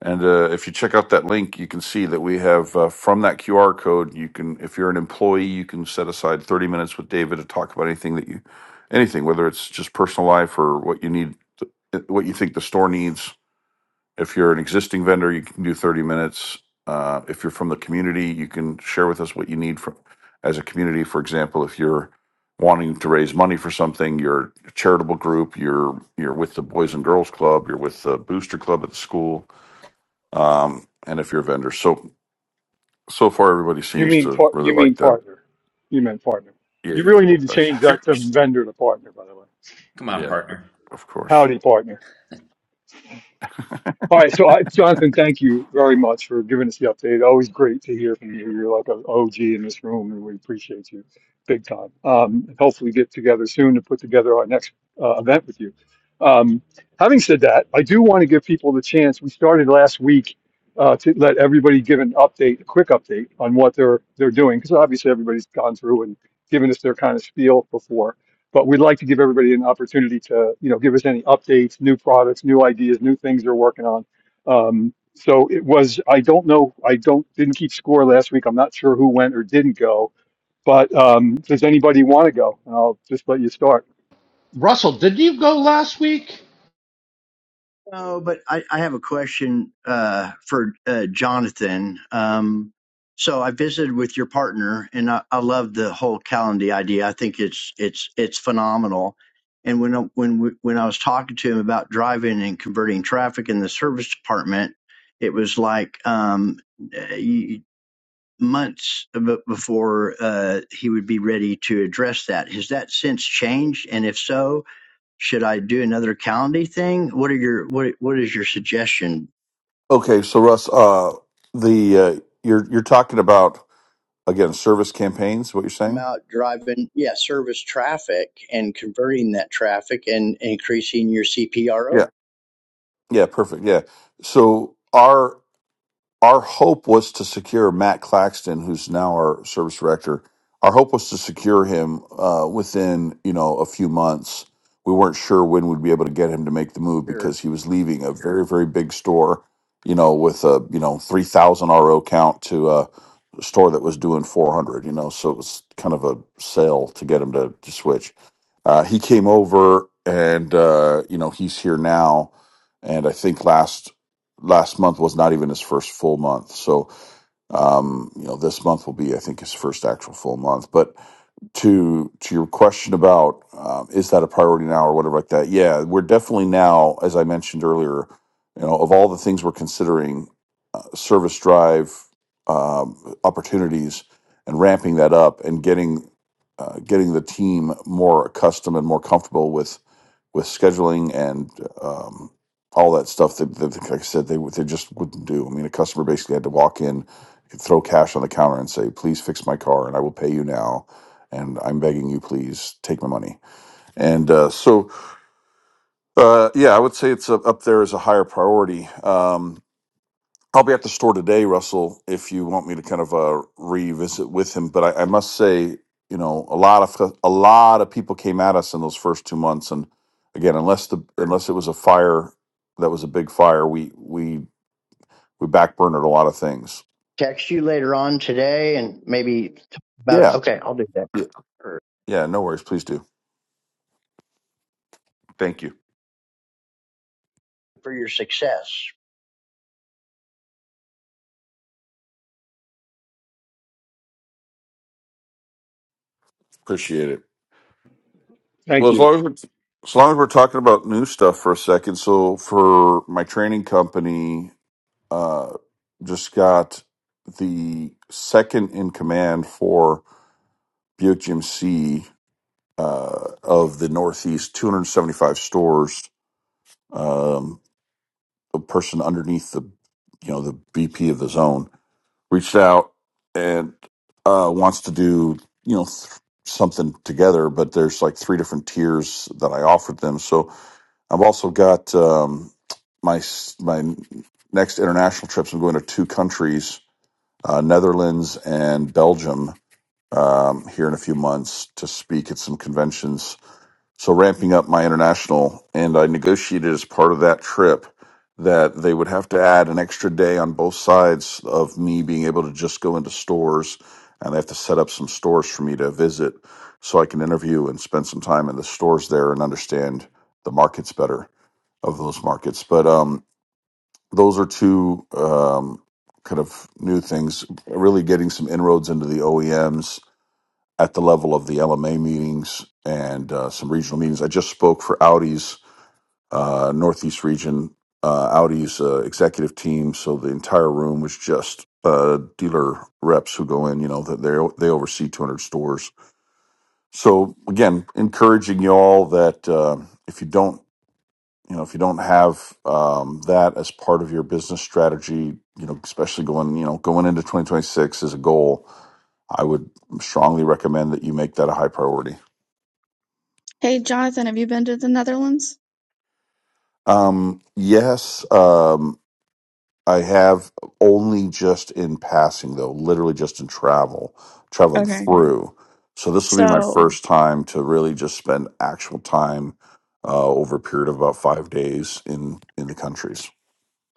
G: And uh, if you check out that link, you can see that we have uh, from that QR code. You can, if you're an employee, you can set aside 30 minutes with David to talk about anything that you, anything, whether it's just personal life or what you need, uh, what you think the store needs. If you're an existing vendor, you can do 30 minutes. Uh, if you're from the community, you can share with us what you need from as a community. For example, if you're wanting to raise money for something, you're a charitable group, you're you're with the Boys and Girls Club, you're with the Booster Club at the school um, and if you're a vendor. So so far, everybody
C: You
G: seems
C: mean
G: to
C: par-
G: really
C: you mean
G: like that.
C: partner? You meant partner.
G: Yeah,
C: You
G: of
C: really need to
G: course.
C: change that to vendor to partner, by the way.
A: Come
G: *laughs*
A: on,
G: yeah,
A: partner.
G: of course.
C: Howdy, partner. All right, so I, Jonathan, thank you very much for giving us the update. Always great to hear from you. You're like an OG in this room, and we appreciate you big time. Um, and hopefully, get together soon to put together our next uh, event with you. Um, having said that, I do want to give people the chance. We started last week uh, to let everybody give an update, a quick update on what they're they're doing, because obviously everybody's gone through and given us their kind of spiel before but we'd like to give everybody an opportunity to, you know, give us any updates, new products, new ideas, new things they're working on. Um, so it was, I don't know, I don't, didn't keep score last week. I'm not sure who went or didn't go, but um, does anybody want to go? And I'll just let you start.
F: Russell, did you go last week?
I: No, but I, I have a question uh, for uh, Jonathan. Um, so I visited with your partner, and I, I love the whole Calendly idea. I think it's it's it's phenomenal. And when I, when we, when I was talking to him about driving and converting traffic in the service department, it was like um, eh, months be- before uh, he would be ready to address that. Has that since changed? And if so, should I do another county thing? What are your what what is your suggestion?
G: Okay, so Russ, uh, the uh, you're you're talking about again service campaigns. What you're
I: I'm
G: saying?
I: out driving, yeah, service traffic and converting that traffic and increasing your CPRO.
G: Yeah, yeah, perfect. Yeah, so our our hope was to secure Matt Claxton, who's now our service director. Our hope was to secure him uh, within you know a few months. We weren't sure when we'd be able to get him to make the move
I: Sure.
G: because he was leaving a very very big store, you know, with a you know three thousand RO count to uh, store that was doing 400 you know so it was kind of a sale to get him to, to switch uh, he came over and uh, you know he's here now and i think last last month was not even his first full month so um, you know this month will be i think his first actual full month but to to your question about um, is that a priority now or whatever like that yeah we're definitely now as i mentioned earlier you know of all the things we're considering uh, service drive um, opportunities and ramping that up and getting uh, getting the team more accustomed and more comfortable with with scheduling and um, all that stuff that, that, like I said, they they just wouldn't do. I mean, a customer basically had to walk in, throw cash on the counter, and say, "Please fix my car, and I will pay you now." And I'm begging you, please take my money. And uh, so, uh, yeah, I would say it's up up there as a higher priority. Um, I'll be at the store today, Russell, if you want me to kind of uh, revisit with him. But I, I must say, you know, a lot of a lot of people came at us in those first two months, and again, unless the unless it was a fire that was a big fire, we we we backburnered a lot of things.
I: Text you later on today and maybe talk about
G: Yeah,
I: okay, I'll do
G: yeah, yeah. No worries. Please do. Thank you.
I: it for your success.
G: Appreciate it. Well,
C: Thank
G: as
C: you.
G: long as we're, as long as we're talking about new stuff for a second, so for my training company. uh, just got the second in command for Buick GMC uh, of the Northeast, 275 stores. Um, the person underneath the, you know, the BP of the zone reached out and uh, wants to do, you know, th- something together. But there's like three different tiers that I offered them. So I've also got um, my s- my next international trips. I'm going to two countries uh, Netherlands and Belgium um, here in a few months to speak at some conventions. So ramping up my international, and I negotiated as part of that trip that they would have to add an extra day on both sides of me being able to just go into stores, and they have to set up some stores for me to visit so I can interview and spend some time in the stores there and understand the markets better of those markets. But um, those are two um, kind of new things. Really getting some inroads into the OEMs at the level of the LMA meetings and uh, some regional meetings. I just spoke for Audi's uh, Northeast region, uh, Audi's uh, executive team. So the entire room was just uh, dealer reps who go in. You know that they they oversee 200 stores. So again, encouraging y'all that uh, if you don't you know if you don't have um, that as part of your business strategy you know especially going you know going into 2026 as a goal i would strongly recommend that you make that a high priority
E: Hey, Jonathan, have you been to the Netherlands?
G: um, yes um, i have only just in passing though literally just in travel traveling
E: Okay.
G: through so this will
E: So,
G: be my
E: all
G: first time to really just spend actual time uh, over a period of about five days in in the countries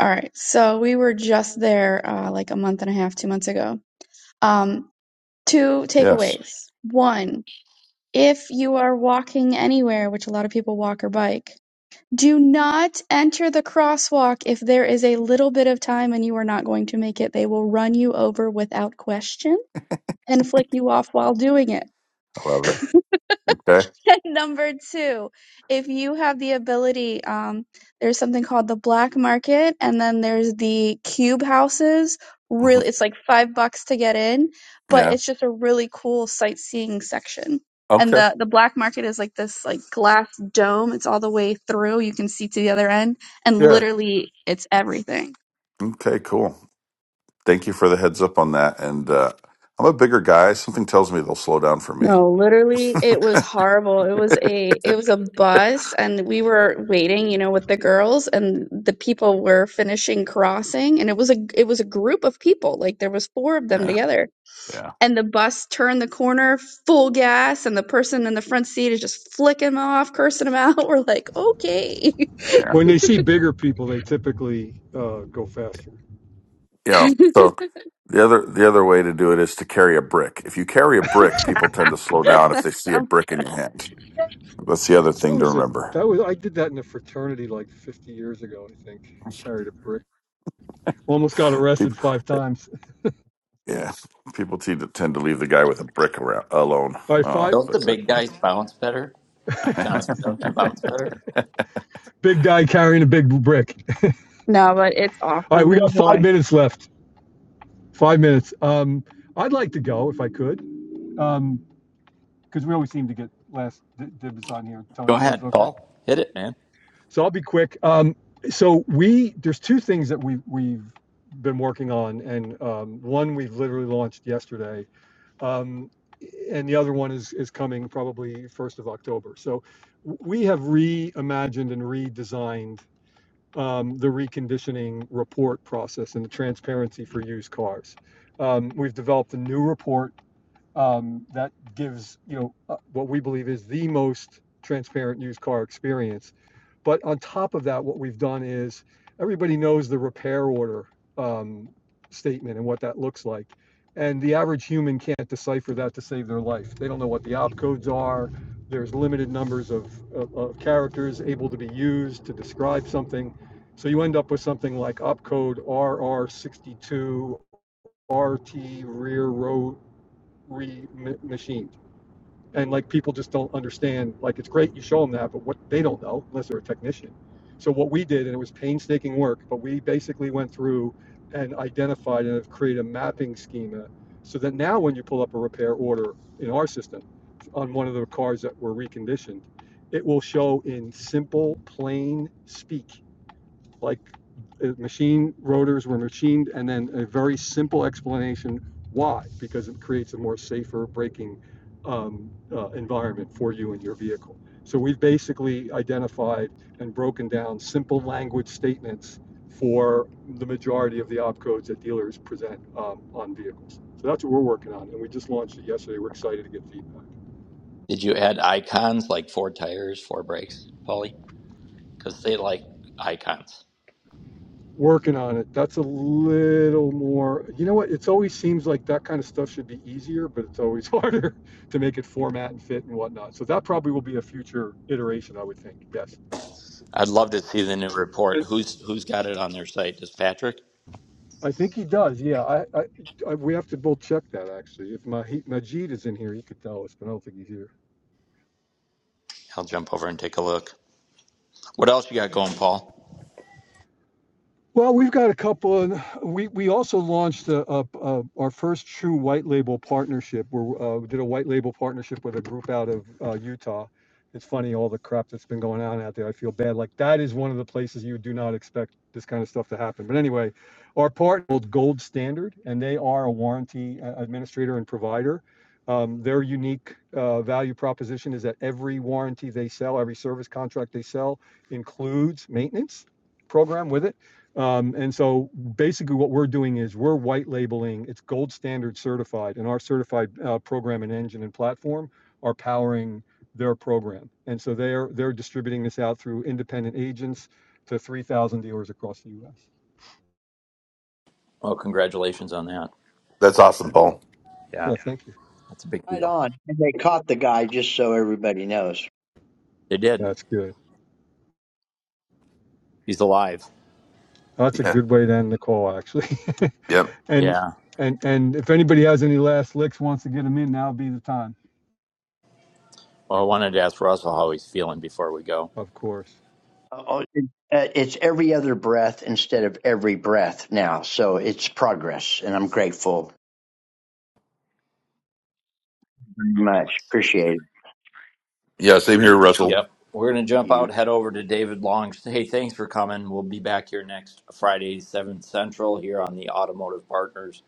E: right. So we were just there uh, like a month and a half, two months ago. Um, two
G: yes
E: takeaways. One, if you are walking anywhere, which a lot of people walk or bike, Do not enter the crosswalk if there is a little bit of time and you are not going to make it. They will run you over without question and flick you off while doing it.
G: i love it okay
E: *laughs* number two, if you have the ability, um, there's something called the black market, and then there's the cube houses.
G: Mhm.
E: Really, it's like five bucks to get in, but
G: yeah
E: it's just a really cool sightseeing section.
G: Okay.
E: And the the black market is like this like glass dome. It's all the way through. You can see to the other end, and
G: Yeah.
E: literally, it's everything.
G: Okay, cool. Thank you for the heads up on that. And uh, I'm a bigger guy. Something tells me they'll slow down for me.
E: No, literally, it was horrible. It was a it was a bus, and we were waiting, you know, with the girls, and the people were finishing crossing, and it was a it was a group of people, like there was four of them
G: Yeah.
E: together.
G: Yeah.
E: And the bus turned the corner full gas, and the person in the front seat is just flicking them off, cursing them out. *laughs* We're like, okay, *laughs*
G: Yeah.
C: When they see bigger people, they typically uh, go faster.
G: Yeah. So the other the other way to do it is to carry a brick. If you carry a brick, people tend to slow down if they see a
E: Um,
G: brick in your hand. That's the other
C: That
G: thing to
C: was it.
G: remember.
C: That was I did that in a fraternity like 50 years ago. I think carried a brick. Almost got arrested
G: People,
C: five times
G: yeah, people tend to tend to leave the guy with a brick around, alone.
C: by
G: Oh,
C: five
A: Don't the
G: but
A: big guys bounce better? Jonathan, don't you bounce better?
C: big guy carrying a big brick.
E: no, but it's
C: All right,
E: awesome.
C: we got five
E: Enjoy.
C: minutes left. Five minutes. Um, I'd like to go if I could, um, because um, we always seem to get last dibs on here,
A: Go
C: Tony. So it's
A: ahead,
C: okay.
A: Paul. Hit it, man.
C: So I'll be quick. Um, so we there's two things that we we've been working on, and um, one we've literally launched yesterday, um, and the other one is is coming probably first of October. So we have reimagined and redesigned um, the reconditioning report process and the transparency for used cars. Um, we've developed a new report um, that gives you know uh, what we believe is the most transparent used car experience but on top of that, what we've done is, everybody knows the repair order um, statement and what that looks like. And the average human can't decipher that to save their life. They don't know what the opcodes are. There's limited numbers of, of, of characters able to be used to describe something. So you end up with something like opcode R R 62 RT rear row re machine and like people just don't understand like it's great you show them that but what they don't know unless they're a technician so what we did and it was painstaking work but we basically went through and identified and have created a mapping schema so that now when you pull up a repair order in our system on one of the cars that were reconditioned it will show in simple plain speak like uh, machine rotors were machined, and then a very simple explanation why, because it creates a more safer braking um, uh, environment for you and your vehicle. So we've basically identified and broken down simple language statements for the majority of the opcodes that dealers present um, on vehicles. So that's what we're working on, and we just launched it yesterday. We're excited to get feedback.
A: Did you add icons like four tires, four brakes, Paulie? Because they like icons.
C: working on it. That's a little more, you know what? It's always seems like that kind of stuff should be easier, but it's always harder *laughs* to make it format and fit and whatnot. So that probably will be a future iteration, I would think. Yes.
A: I'd love to see the new report.
C: And
A: Who's who's got it on their site? Does Patrick?
C: I think he does. Yeah. I, I, I we have to both check that actually. If Majid is in here, he could tell us, but I don't think he's here.
A: I'll jump over and take a look. What else you got going, Paul?
C: Well, we've got a couple, and we we also launched a, a, a, our first true white label partnership. Where uh, we did a white label partnership with a group out of uh, Utah. It's funny all the crap that's been going on out there. I feel bad. Like that is one of the places you do not expect this kind of stuff to happen. But anyway, our partner called Gold Standard, and they are a warranty uh, administrator and provider. Um, their unique uh, value proposition is that every warranty they sell, every service contract they sell, includes maintenance program with it um, and so basically what we're doing is we're white labeling, it's gold standard certified and our certified uh, program and engine and platform are powering their program. And so they're, they're distributing this out through independent agents to 3,000 dealers across the US.
A: Oh, congratulations on that.
H: That's awesome, Paul.
A: Yeah,
C: Yeah, thank you.
A: that's a big
I: Right
A: deal.
I: on. And they caught the guy just so everybody knows.
A: They did.
C: That's good.
A: He's alive.
C: That's
H: *laughs*
C: a
H: Yeah.
C: good way to end the call actually. *laughs*
H: Yep.
C: and,
A: Yeah.
C: and, and if anybody has any last licks, wants to get them in, now would be the time.
A: Well, I wanted to ask Russell how he's feeling before we go.
C: Of course.
I: Oh, it- uh, It's every other breath instead of every breath now. So it's progress, and I'm grateful very much. Appreciate it.
H: Yeah. Same here, Russell.
A: Yep. We're going to jump
I: You.
A: out, head over to David Long. Hey, thanks for coming. We'll be back here next Friday, 7 Central, here on the Automotive Partners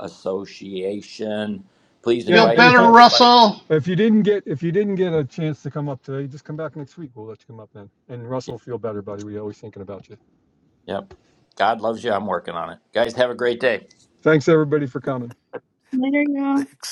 A: Association. Please
C: Yeah,
F: Feel
A: invite,
C: and if
F: better,
C: you
A: invite, invite.
F: Russell.
C: If you didn't get if you didn't get a chance to come up today, just come back next week. We'll let you come up then. And Russell, feel better, buddy. We always thinking about you.
A: Yep. God loves you. I'm working on it. Guys, have a great day.
C: Thanks everybody for coming.
E: Later, y'all.
H: *laughs*